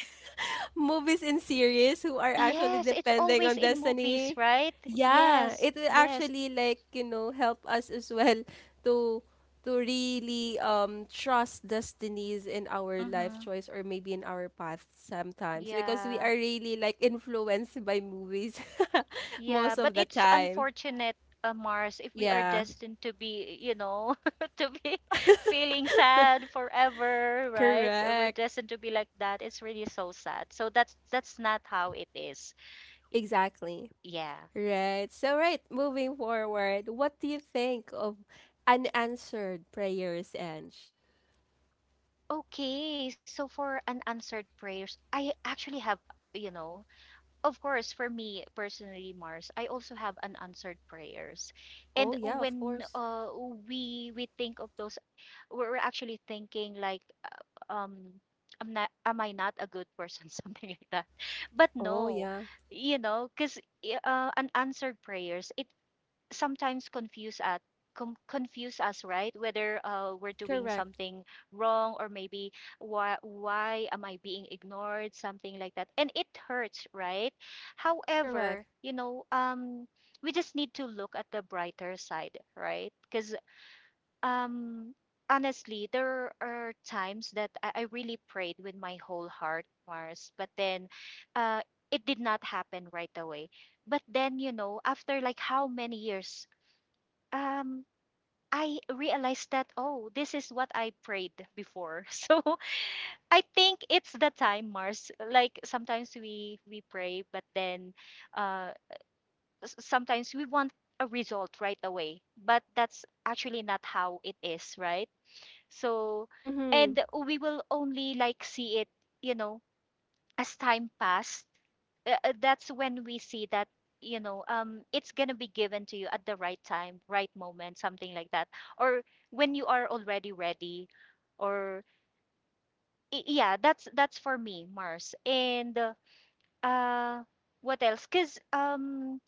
A: movies and series who are actually
B: Yes, it's
A: depending
B: always
A: on
B: in movies,
A: destiny.
B: right?
A: Yeah,
B: Yes,
A: it will
B: yes.
A: actually like, you know, help us as well to to really trust destinies in our life
B: Mm-hmm.
A: choice or maybe in our path sometimes because we
B: Yeah,
A: are really like influenced by movies (laughs) most
B: yeah. But
A: of the
B: it's
A: time.
B: unfortunate, Mars, if we are
A: Yeah,
B: destined to be, you know, (laughs) to be (laughs) feeling sad forever, right? Or we're
A: correct.
B: destined to be like that. It's really so sad. So that's not how it is.
A: Exactly.
B: Yeah.
A: Right. So right, moving forward, what do you think of unanswered prayers, Ange?
B: Okay. So for unanswered prayers, I actually have, you know, of course, for me personally, Mars, I also have unanswered prayers,
A: Oh
B: and
A: yeah, of
B: when,
A: course.
B: we think of those, we're actually thinking like, am not, am I not a good person, (laughs) something like that. But
A: Oh
B: no,
A: yeah.
B: you know, because unanswered prayers, it sometimes confuse at confuse us, right, whether we're doing
A: Correct.
B: something wrong or maybe why am I being ignored, something like that, and it hurts, right?
A: Correct.
B: However, we just need to look at the brighter side, right? Because um honestly there are times that I really prayed with my whole heart, Mars, but then uh it did not happen right away. But then you know, after like how many years, um I realized that, oh, this is what I prayed before. (laughs) So I think it's the time, Mars. Like sometimes we pray but then uh sometimes we want a result right away, but that's actually not how it is, right? So
A: Mm-hmm.
B: and we will only like see it, you know, as time passed, that's when we see that, you know, it's going to be given to you at the right time, right moment, something like that. Or when you are already ready. Or yeah, that's for me, Mars. And uh what else, cuz um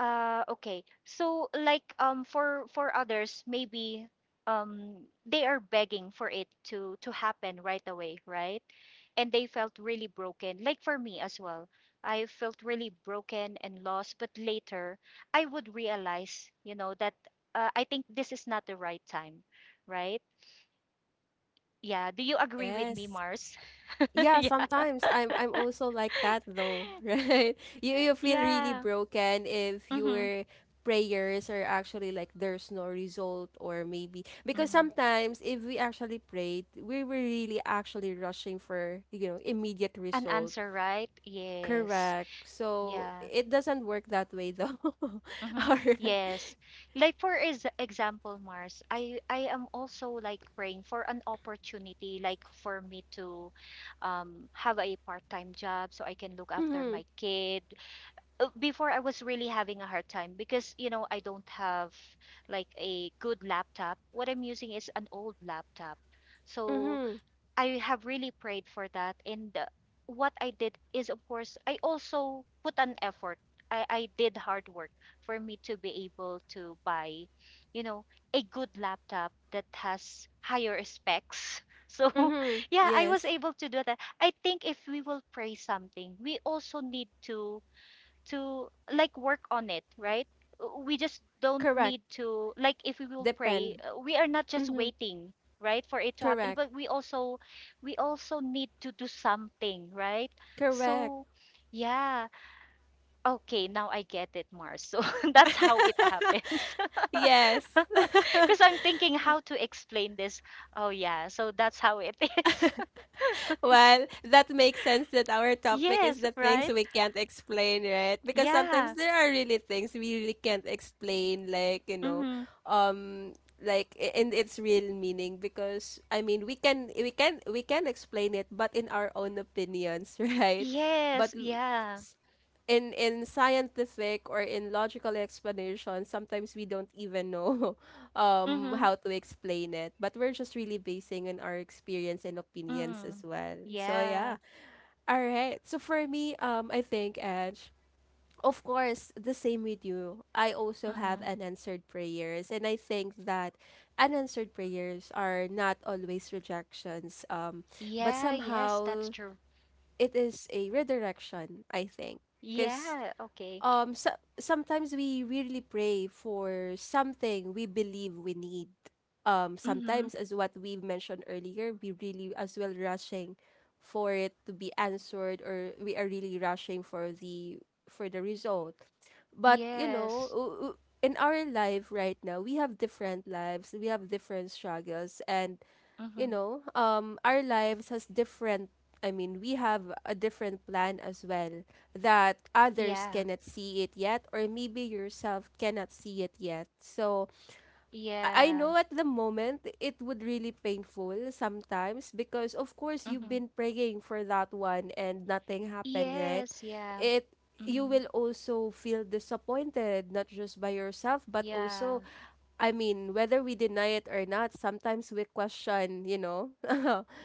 B: uh, okay. So like for others maybe they are begging for it to happen right away, right? And they felt really broken. Like for me as well. I felt really broken and lost, but later I would realize, you know, that I think this is not the right time, right? Yeah, do you agree with me,
A: Yes.
B: Mars? (laughs)
A: Yeah,
B: Yeah.
A: sometimes I'm also like that though, (laughs)
B: (laughs)
A: right? You feel really
B: Yeah.
A: broken if
B: hmm
A: your prayers are actually like there's no result, or maybe because
B: hmm.
A: sometimes if we actually prayed, we were really actually rushing for, you know, immediate
B: An
A: result.
B: answer, right? Yes.
A: Correct. So
B: Yeah.
A: it doesn't work that way though. (laughs) All
B: Mm-hmm.
A: right.
B: Yes. Like for is example, Mars, I am also like praying for an opportunity, like for me to have a part-time job so I can look after
A: Mm-hmm.
B: my kid. Before I was really having a hard time because, you know, I don't have like a good laptop. What I'm using is an old laptop. So
A: Mm-hmm.
B: I have really prayed for that. And what I did is, of course, I also put an effort. I did hard work for me to be able to buy, you know, a good laptop that has higher specs. (laughs) So,
A: Mm-hmm.
B: yeah, I was
A: Yes.
B: able to do that. I think if we will pray something, we also need to like work on it, right? We just don't
A: Correct.
B: need to, like, if we will pray,
A: Depend.
B: we are not just
A: Mm-hmm.
B: waiting, right, for it to happen,
A: Correct.
B: but we also need to do something, right?
A: Correct.
B: So yeah, okay, now I get it, Mars. So (laughs) that's how it happens. (laughs)
A: Yes. (laughs)
B: Because I'm thinking how to explain this. Oh yeah, so that's how it is.
A: Well, that makes sense that our
B: (laughs)
A: topic is
B: Yes,
A: the things
B: right?
A: we can't explain, right? Because sometimes
B: Yeah.
A: there are really things we really can't explain, like, you know,
B: Mm-hmm.
A: um like in its real meaning because I mean we can explain it but in our own opinions, (laughs) right?
B: Yes,
A: But
B: yeah.
A: in scientific or in logical explanation, sometimes we don't even know (laughs)
B: Mm-hmm.
A: how to explain it. But we're just really basing on our experience and opinions as
B: Mm.
A: well. So
B: Yeah.
A: yeah. All right. So for me, I think Edge, of course, the same with you. I also have
B: Mm-hmm.
A: unanswered prayers, and I think that unanswered prayers are not always rejections. But
B: Yeah, yes, that's
A: somehow
B: true.
A: it is a redirection. I think because
B: Yeah, okay.
A: so, sometimes we really pray for something we believe we need,
B: Mm-hmm.
A: sometimes as what we mentioned earlier we really as well rushing for it to be answered, or we are really rushing for the result. But you know,
B: Yes.
A: in our life right now we have different lives, we have different struggles. And you
B: Mm-hmm.
A: know, our lives has different. I mean, we have a different plan as well that others
B: Yeah.
A: cannot see it yet, or maybe yourself cannot see it yet. So I
B: Yeah.
A: know at the moment it would really painful sometimes because of course you've
B: Mm-hmm.
A: been praying for that one and nothing happened, right?
B: Yes, yeah.
A: It, you
B: Mm-hmm.
A: will also feel disappointed not just by yourself but
B: Yeah.
A: also, I mean, whether we deny it or not, sometimes we question, you know,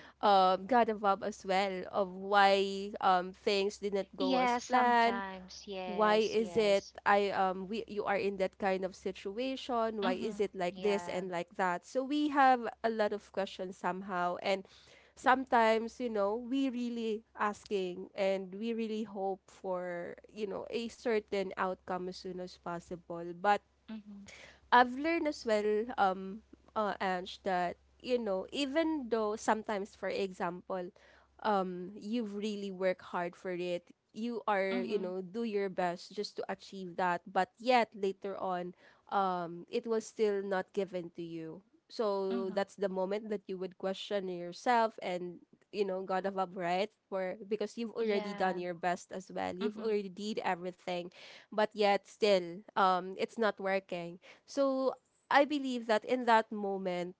A: (laughs) God above as well, of why, things didn't go
B: Yeah,
A: as planned.
B: sometimes.
A: Why
B: Yes,
A: is it
B: yes.
A: I, um, we, you are in that kind of situation? Why is
B: Mm-hmm.
A: it like this
B: Yeah.
A: and like that? So we have a lot of questions somehow, and sometimes you know we really asking and we really hope for you know a certain outcome as soon as possible. But
B: Mm-hmm.
A: I've learned as well, Ange, that you know, even though sometimes, for example, you really work hard for it, you are, you
B: Mm-hmm.
A: know, do your best just to achieve that, but yet later on, it was still not given to you. So
B: Mm-hmm.
A: that's the moment that you would question yourself and you know God above, right? For because you've already done
B: Yeah.
A: your best as well, you've
B: Mm-hmm.
A: already did everything but yet still it's not working. So I believe that in that moment,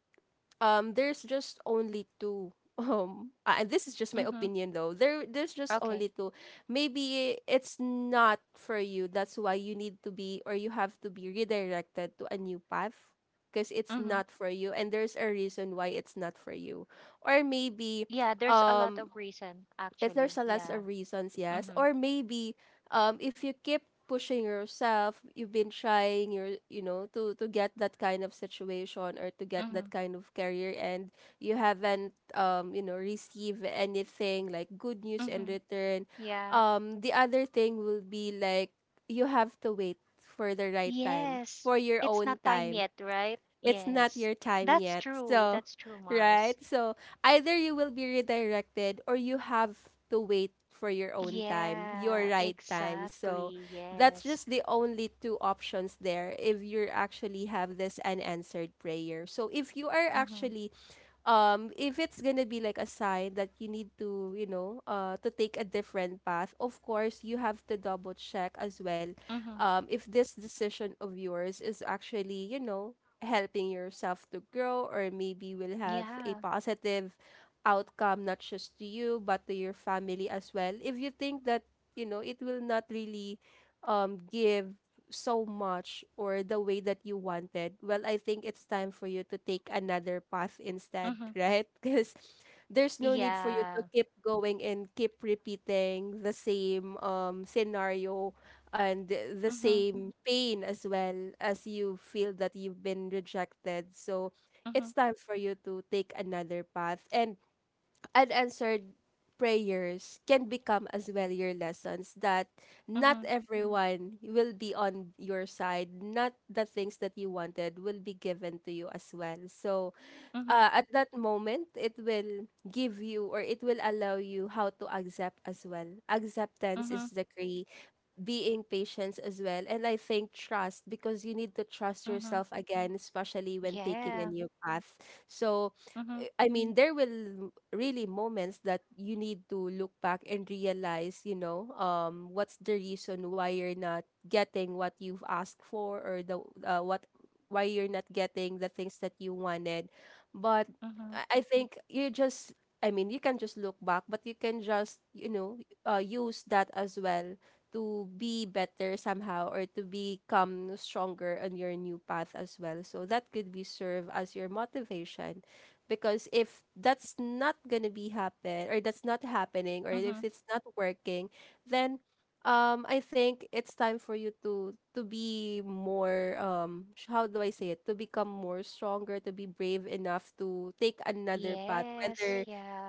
A: there's just only two. (laughs) This is just my
B: Mm-hmm.
A: opinion though. There's just
B: Okay.
A: only two. Maybe it's not for you. That's why you need to be, or you have to be redirected to a new path because it's
B: Mm-hmm.
A: not for you, and there's a reason why it's not for you. Or maybe,
B: Yeah, there's a lot
A: um,
B: of reason
A: if there's
B: actually.
A: a lots
B: Yeah.
A: of reasons, yes.
B: Mm-hmm.
A: Or maybe if you keep pushing yourself, you've been trying your, you know, to get that kind of situation or to get
B: Mm-hmm.
A: that kind of career, and you haven't you know, received anything like good news in
B: Mm-hmm.
A: return.
B: Yeah.
A: Um, the other thing will be like you have to wait for the right time,
B: Yes,
A: for your
B: it's
A: own
B: not time
A: time.
B: yet, right?
A: It's not
B: Yes,
A: your time
B: that's
A: yet.
B: true.
A: So,
B: That's true,
A: (laughs)
B: Mars.
A: right? So, either you will be redirected or you have to wait for your own time, your
B: Yeah,
A: right time. So,
B: exactly.
A: that's
B: Yes.
A: just the only two options there if you actually have this unanswered prayer. So, if you are
B: Mm-hmm.
A: actually if it's gonna be like a sign that you need to, you know, uh, to take a different path, of course you have to double check as well
B: Mm-hmm.
A: if this decision of yours is actually, you know, helping yourself to grow or maybe will have a
B: Yeah.
A: positive outcome, not just to you but to your family as well. If you think that you know it will not really give so much or the way that you wanted, well, I think it's time for you to take another path instead,
B: Mm-hmm.
A: right? (laughs) Because there's no need for you to
B: Yeah.
A: keep going and keep repeating the same scenario and the
B: Mm-hmm.
A: same pain as well as you feel that you've been rejected. So
B: Mm-hmm.
A: it's time for you to take another path. And unanswered prayers can become as well your lessons that not
B: Mm-hmm.
A: everyone will be on your side, not the things that you wanted will be given to you as well. So
B: Mm-hmm.
A: at that moment it will give you or it will allow you how to accept as well. Acceptance
B: Mm-hmm.
A: is the key, being patience as well, and I think trust, because you need to trust
B: Mm-hmm.
A: yourself again especially when taking a
B: Yeah.
A: new path. So
B: Mm-hmm.
A: eh, I mean there will really moments that you need to look back and realize you know what's the reason why you're not getting what you've asked for, or the what, why you're not getting the things that you wanted. But i
B: Mm-hmm.
A: I think you just, I mean you can just look back but you can just you know use that as well to be better somehow or to become stronger on your new path as well. So that could be serve as your motivation because if that's not going to be happen or that's not happening or
B: Mm-hmm.
A: if it's not working, then I think it's time for you to be more how do I say it? To become more stronger, to be brave enough to take another path
B: Yes.
A: whether
B: Yeah.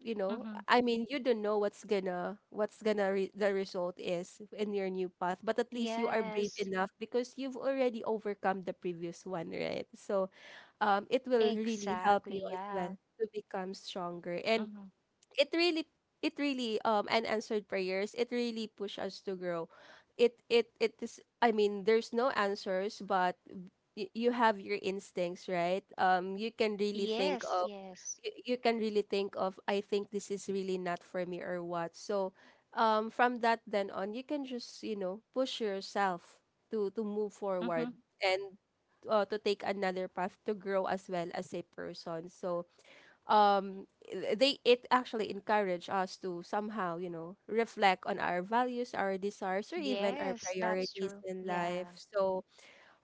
B: Mm-hmm.
A: I mean you don't know what's gonna the result is in your new path, but at least you are
B: Yes.
A: brave enough because you've already overcome the previous one, right? So it will really
B: Exactly.
A: help you as
B: Yeah.
A: well to become stronger.
B: Mm-hmm.
A: And it really it really unanswered prayers, it really push us to grow. It is, I mean, there's no answers, but you have your instincts, right? You can really
B: Yes.
A: think of,
B: Yes.
A: I think this is really not for me or what. So from that then on you can just, push yourself to move
B: Mm-hmm.
A: forward and to take another path to grow as well as a person. So um I- they it actually encourage us to somehow, reflect on our values, our desires, or even our
B: Yes, that's
A: priorities
B: true.
A: in
B: Yeah.
A: life. So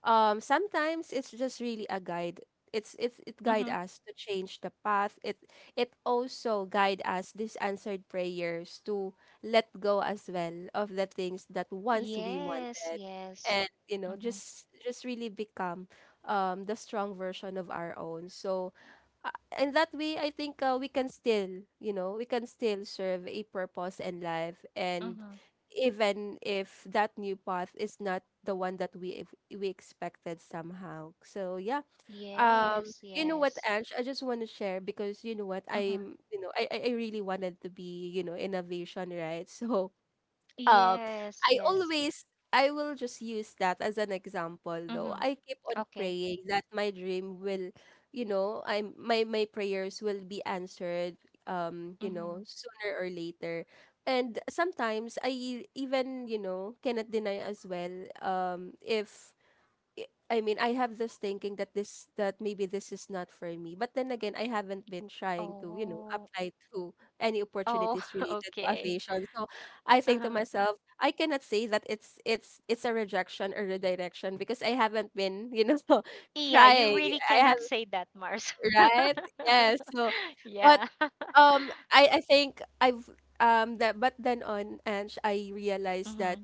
A: sometimes it's just really a guide. It guide
B: Mm-hmm.
A: us to change the path. It also guide us, these answered prayers, to let go as well of the things that once we
B: Yes,
A: wanted.
B: yes.
A: And
B: Mm-hmm.
A: just really become the strong version of our own. So uh, in that way, I think we can still, we can still serve a purpose in life, and
B: Mm-hmm.
A: even if that new path is not the one that we expected somehow. So yeah, um,
B: Yes,
A: you know what,
B: yes.
A: Ange, I just want to share, because you know what,
B: Mm-hmm.
A: I really wanted to be, in aviation, right? (laughs) So uh,
B: Yes,
A: I
B: yes.
A: always I will just use that as an example though.
B: Mm-hmm.
A: I keep on
B: Okay.
A: praying that my dream will, you know, I'm my my prayers will be answered,
B: Mm-hmm.
A: sooner or later. And sometimes I even, cannot deny as well. If I I mean I have this thinking that this that maybe this is not for me, but then again I haven't been trying to
B: Oh.
A: apply to any
B: Oh,
A: opportunities
B: (laughs)
A: related to
B: okay.
A: aviation. So I think to
B: Uh-huh.
A: myself, I cannot say that it's a rejection or redirection because I haven't been, (laughs)
B: Yeah, you
A: trying.
B: really
A: I
B: cannot
A: have.
B: say that, Mars.
A: Right. Yes,
B: (laughs)
A: so. But
B: Yeah. (laughs)
A: I think I've that but then on and I realized that
B: Mm-hmm.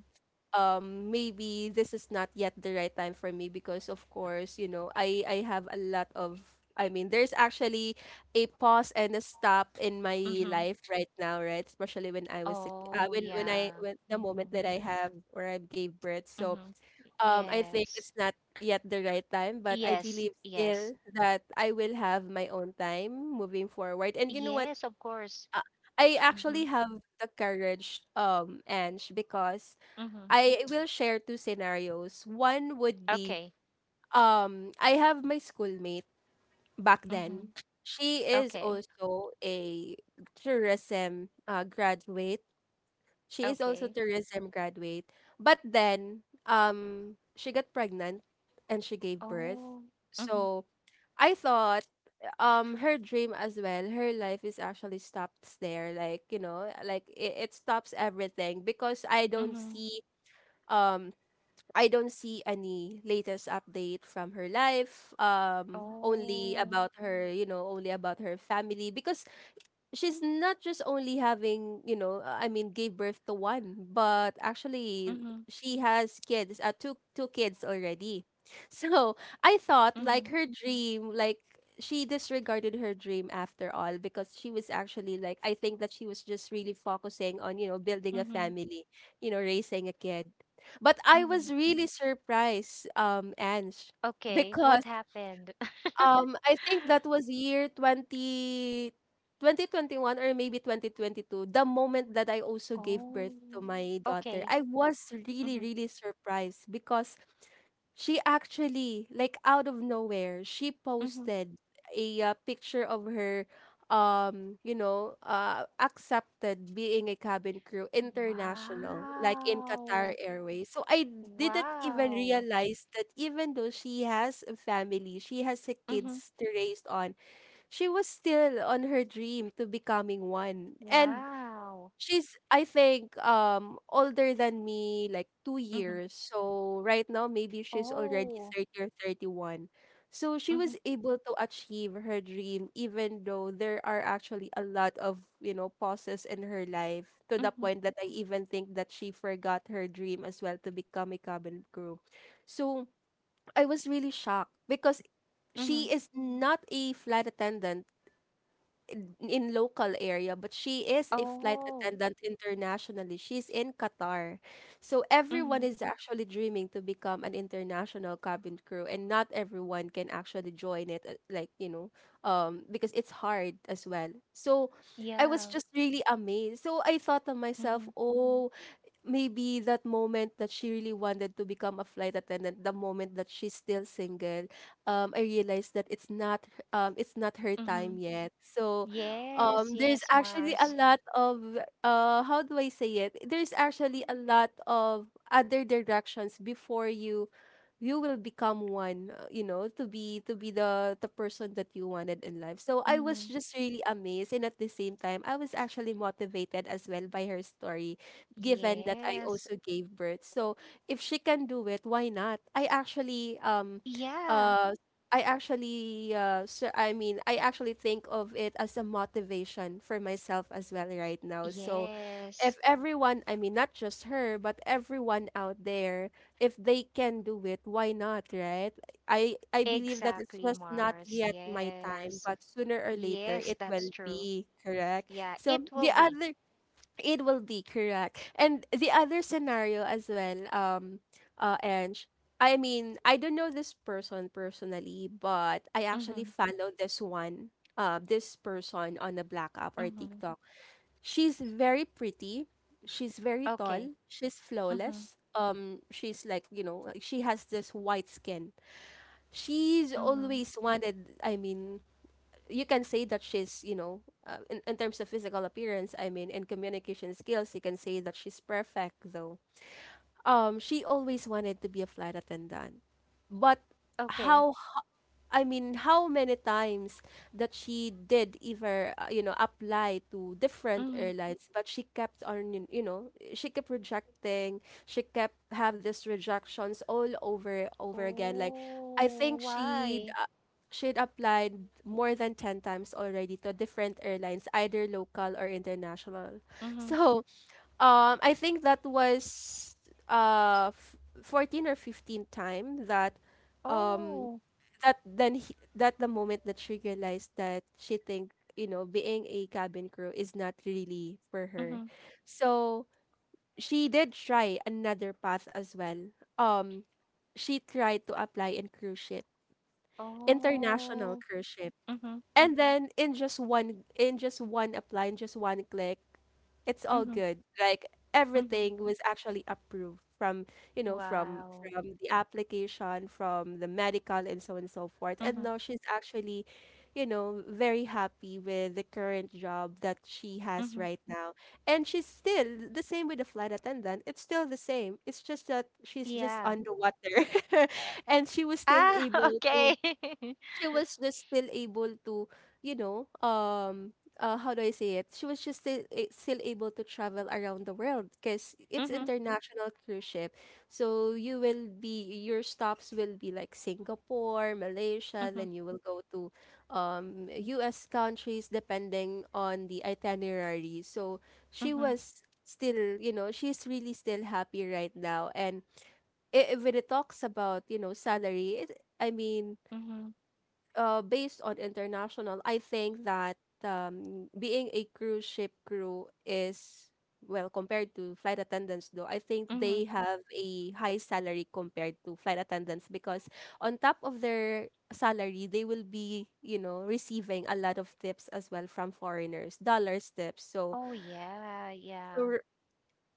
A: maybe this is not yet the right time for me, because of course I have a lot of I mean, there's actually a pause and a stop in my
B: Mm-hmm.
A: life right now, right? Especially when I was a-
B: Oh,
A: when I
B: yeah.
A: when the moment
B: Mm-hmm.
A: that I have, or I gave birth. So
B: Mm-hmm.
A: I think it's
B: Yes.
A: not yet the right time, but I
B: Yes,
A: believe
B: yes.
A: still that I will have my own time moving forward. And you know what,
B: Yes, of course.
A: Uh, I
B: Mm-hmm.
A: actually have the courage, Ange, because
B: Mm-hmm.
A: I will share two scenarios. One would be,
B: Okay.
A: I have my schoolmate back
B: Mhm.
A: then. She is
B: Okay.
A: also a tourism graduate. She is also
B: Okay.
A: tourism graduate. But then she got pregnant and she gave birth.
B: Oh. Mhm.
A: So I thought her dream as well, her life is actually stops there. Like, like it stops everything, because I don't
B: Mhm.
A: see, um any latest update from her life. Um, only
B: Oh.
A: about her, you know, only about her family, because she's not just only having, I mean, gave birth to one, but actually
B: Mhm.
A: she has kids, two kids already. (laughs) So I thought like
B: Mhm.
A: her dream, like she disregarded her dream after all, because she was actually, like, I think that she was just really focusing on, building a
B: Mhm.
A: family, raising a kid. But I was
B: Mhm.
A: really surprised, Ange,
B: Okay.
A: because
B: What happened? (laughs)
A: I think that was year twenty twenty twenty one or maybe 2022. The moment that I also gave birth to
B: Oh.
A: my daughter,
B: Okay.
A: I was really,
B: Mhm.
A: really surprised because she actually, like out of nowhere, she
B: Mhm.
A: posted a picture of her, accepted being a cabin crew international, like in Qatar
B: Wow.
A: Airways. So I didn't even
B: Wow.
A: realize that, even though she has a family, she has a
B: Mhm.
A: kids to raise on, she was still on her dream to becoming one. And
B: Wow.
A: she's, I think, older than me, like two
B: Mhm.
A: years. So right now, maybe she's already
B: Oh.
A: 30 or 31. So she
B: Mhm.
A: was able to achieve her dream, even though there are actually a lot of, pauses in her life, to the
B: Mhm.
A: point that I even think that she forgot her dream as well to become a cabin crew. So I was really shocked because
B: Mhm.
A: she is not a flight attendant in local area, but she is a flight
B: Oh.
A: attendant internationally. She's in Qatar. So everyone
B: Mhm.
A: is actually dreaming to become an international cabin crew, and not everyone can actually join it, like, because it's hard as well. So I was
B: Yeah.
A: just really amazed. So I thought to myself,
B: Mhm.
A: Oh, maybe that moment that she really wanted to become a flight attendant, the moment that she's still single, I realized that it's not her
B: Mhm.
A: time yet. So
B: Yes,
A: there's
B: yes,
A: actually a
B: Mars.
A: lot of, how do I say it? There's actually a lot of other directions before you will become one, to be the person that you wanted in life. So I
B: Mm-hmm.
A: was just really amazed, and at the same time I was actually motivated as well by her story, given that I
B: Yes.
A: also gave birth. So if she can do it, why not?
B: Yeah.
A: Uh I mean, I actually think of it as a motivation for myself as well right now. So, if
B: Yes.
A: everyone, I mean, not just her, but everyone out there, if they can do it, why not, right? I believe that it's
B: Exactly,
A: just not
B: Mars.
A: yet my time,
B: Yes.
A: but sooner or later
B: Yes,
A: it
B: that's
A: will
B: true.
A: be, correct?
B: Yeah, it
A: So
B: will
A: the
B: be.
A: other, it will be, correct. And the other scenario as well, Ange, I mean, I don't know this person personally, but I actually
B: Mm-hmm.
A: followed this one, this person on a Black App or
B: Mm-hmm.
A: TikTok. She's very pretty. She's very
B: Okay.
A: tall. She's
B: Mm-hmm.
A: flawless. She's like, like, she has this white skin. She's
B: Mm-hmm.
A: always wanted, I mean, you can say that she's, in terms of physical appearance, I mean, and communication skills, you can say that she's perfect, though. She always wanted to be a flight attendant. But
B: Okay.
A: how h- I mean, how many times that she did either, apply to different
B: Mm-hmm.
A: airlines, but she kept on, she kept rejecting. She kept have these rejections all over again. Like, I
B: Oh,
A: think
B: why?
A: she'd applied more than 10 times already to different airlines, either local or international.
B: Mm-hmm.
A: So, I think that was 14 or 15th time that um
B: Oh.
A: that the moment that she realized that she think being a cabin crew is not really for her.
B: Mm-hmm.
A: So she did try another path as well. Um, she tried to apply in cruise ship, international
B: Oh.
A: cruise ship.
B: Mm-hmm.
A: And then in just one apply, in just one click, it's all
B: Mm-hmm.
A: good. Like,
B: Mm-hmm.
A: everything was actually approved from, you know, from
B: Wow.
A: from the application, from the medical and so on and so forth. And
B: Mm-hmm.
A: now she's actually, very happy with the current job that she has
B: Mm-hmm.
A: right now. And she's still the same with the flight attendant. It's still the same. It's just that she's just
B: Yeah.
A: underwater. (laughs) And she was still
B: Ah, (laughs)
A: able to,
B: okay. (laughs)
A: she was just still able to, you know, um, how do I say it? She was just still able to travel around the world because it's
B: Mm-hmm.
A: international cruise ship. So your stops will be like Singapore, Malaysia,
B: Mm-hmm.
A: then you will go to US countries depending on the itinerary. So she
B: Mm-hmm.
A: was still, she's really still happy right now. And if it talks about salary I mean,
B: Mm-hmm.
A: based on international, I think that being a cruise ship crew is, well, compared to flight attendants, though, I think
B: Mm-hmm.
A: they have a high salary compared to flight attendants, because on top of their salary, they will be, receiving a lot of tips as well from foreigners, dollars tips. So,
B: Oh yeah, yeah.
A: so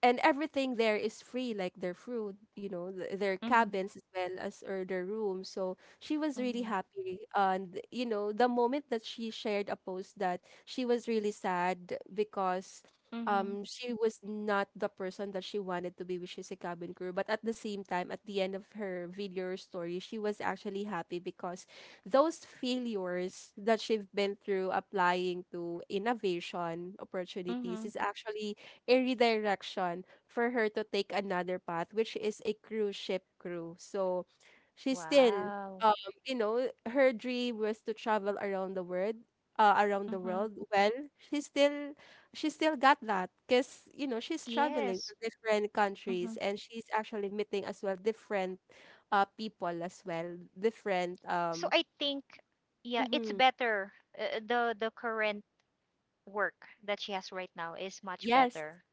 A: and everything there is free, like their food, their
B: Mm-hmm.
A: cabins as well, as or their rooms. So she was really
B: Mm-hmm.
A: happy. And you know, the moment that she shared a post, that she was really sad because
B: Mm-hmm.
A: she was not the person that she wanted to be, which is a cabin crew. But at the same time, at the end of her video or story, she was actually happy because those failures that she've been through applying to innovation opportunities
B: Mm-hmm.
A: is actually a redirection for her to take another path, which is a cruise ship crew. So she still,
B: Wow.
A: um, you know, her dream was to travel around the world, around the
B: Mm-hmm.
A: world. Well, she still, she still got that because you know, she's traveling to
B: Yes.
A: different
B: Mm-hmm.
A: countries and she's actually meeting as well different, people as well, different,
B: So I think, yeah, it's
A: mhm.
B: better. The current work that she has right now is much
A: Yes,
B: better,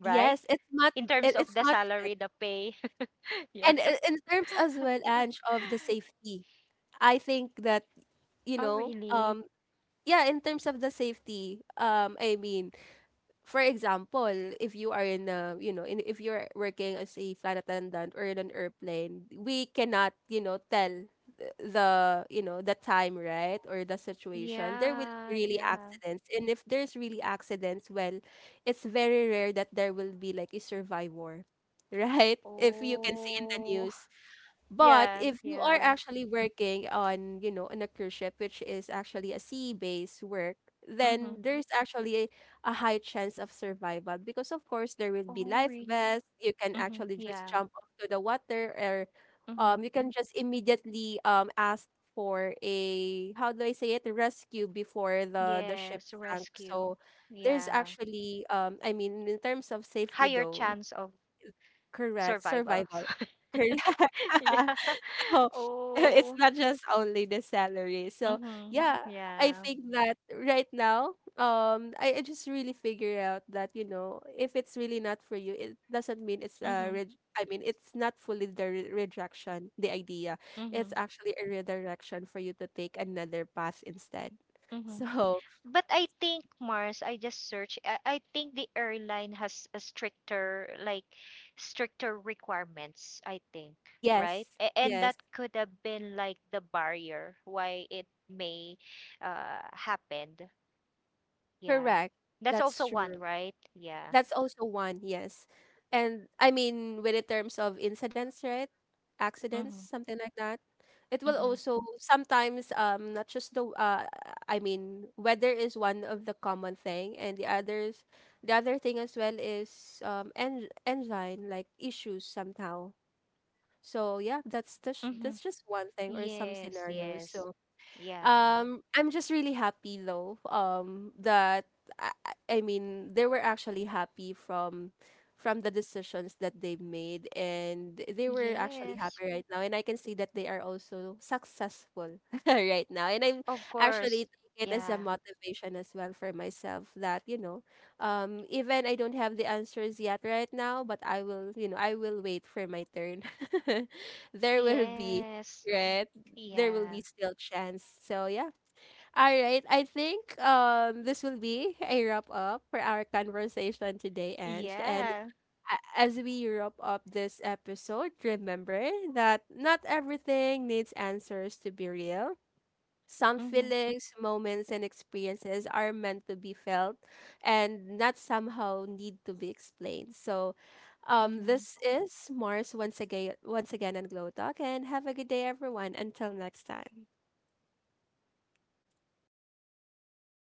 B: right?
A: yes, it's much,
B: In terms
A: it,
B: of
A: it's
B: the
A: much better.
B: salary, the pay. (laughs) Yeah.
A: And in terms as well,
B: (laughs)
A: Ange, of the safety, I think that, you
B: Oh
A: know,
B: really?
A: um, yeah, in terms of the safety, I mean, for example, if you are in a, in, if you're working as a flight attendant or in an airplane, we cannot, you know, tell the, you know, the time, right? Or the situation. There will be
B: Yeah,
A: really
B: yeah.
A: accidents. And if there's really accidents, well, it's very rare that there will be like a survivor, (laughs) right? If you can see in the
B: Oh,
A: news.
B: (laughs)
A: But
B: yeah,
A: if you are
B: yeah.
A: actually working on, you know, on a cruise ship, which is actually a sea-based work,
B: Mm-hmm.
A: then there's actually a high chance of survival because, of course, there will be
B: Oh
A: life
B: really?
A: vests. You can
B: Mm-hmm.
A: actually just
B: Yeah.
A: jump off to the water, or
B: Mm-hmm.
A: you can just immediately ask for a, how do I say it, rescue before the ship
B: Yes,
A: sank.
B: rescue.
A: So there's
B: Yeah.
A: actually I mean, in terms of safety,
B: Higher
A: though,
B: chance of
A: correct,
B: survival.
A: survival,
B: (laughs)
A: correct.
B: Yeah.
A: (laughs) Oh,
B: (laughs)
A: (laughs) it's
B: Oh.
A: not just only the salary. So. Mhm.
B: Mm-hmm.
A: Yeah, I
B: Yeah.
A: think that right now, I just really figure out that, you know, if it's really not for you, it doesn't mean it's a
B: Mm-hmm.
A: I mean, it's not fully the rejection, the idea. It's
B: Mm-hmm.
A: actually a redirection for you to take another path instead.
B: Mm-hmm.
A: (laughs) So
B: But I think, Mars, I just searched. I think the airline has a stricter, like, stricter requirements, I think, right?
A: yes,
B: A And that
A: yes,
B: could have been like the barrier why it may happened. Yeah.
A: correct.
B: That's
A: That's
B: also one,
A: true.
B: right? Yeah.
A: That's also one, yes. And I mean, with the terms of incidents, right? Accidents,
B: Mhm.
A: something like that. It will
B: Mm-hmm.
A: also sometimes, not just the, I mean, weather is one of the common thing, and the others, the other thing as well is en engine like issues somehow. So yeah, that's just,
B: Mm-hmm.
A: that's just one thing or some
B: Yes,
A: scenarios.
B: yes.
A: So.
B: Yeah.
A: I'm just really happy though. That I, I mean, they were actually happy from the decisions that they've made, and they were actually
B: Yes.
A: happy right now. And I can see that they are also successful (laughs) right now. And I'm
B: Of course.
A: actually taking it as a
B: Yeah.
A: motivation as well for myself that you know, even I don't have the answers yet right now, but I will, you know, I will wait for my turn. (laughs) There will be.
B: Yes.
A: Right, there will
B: Yeah.
A: be still chance. So yeah. All right. I think this will be a wrap up for our conversation today, Ange. And
B: Yeah.
A: as we wrap up this episode, remember that not everything needs answers to be real. Some
B: Mm-hmm.
A: feelings, moments, and experiences are meant to be felt and not somehow need to be explained. So this
B: Mm-hmm.
A: is Mars, once again, on Glow Talk, and have a good day everyone. Until next time.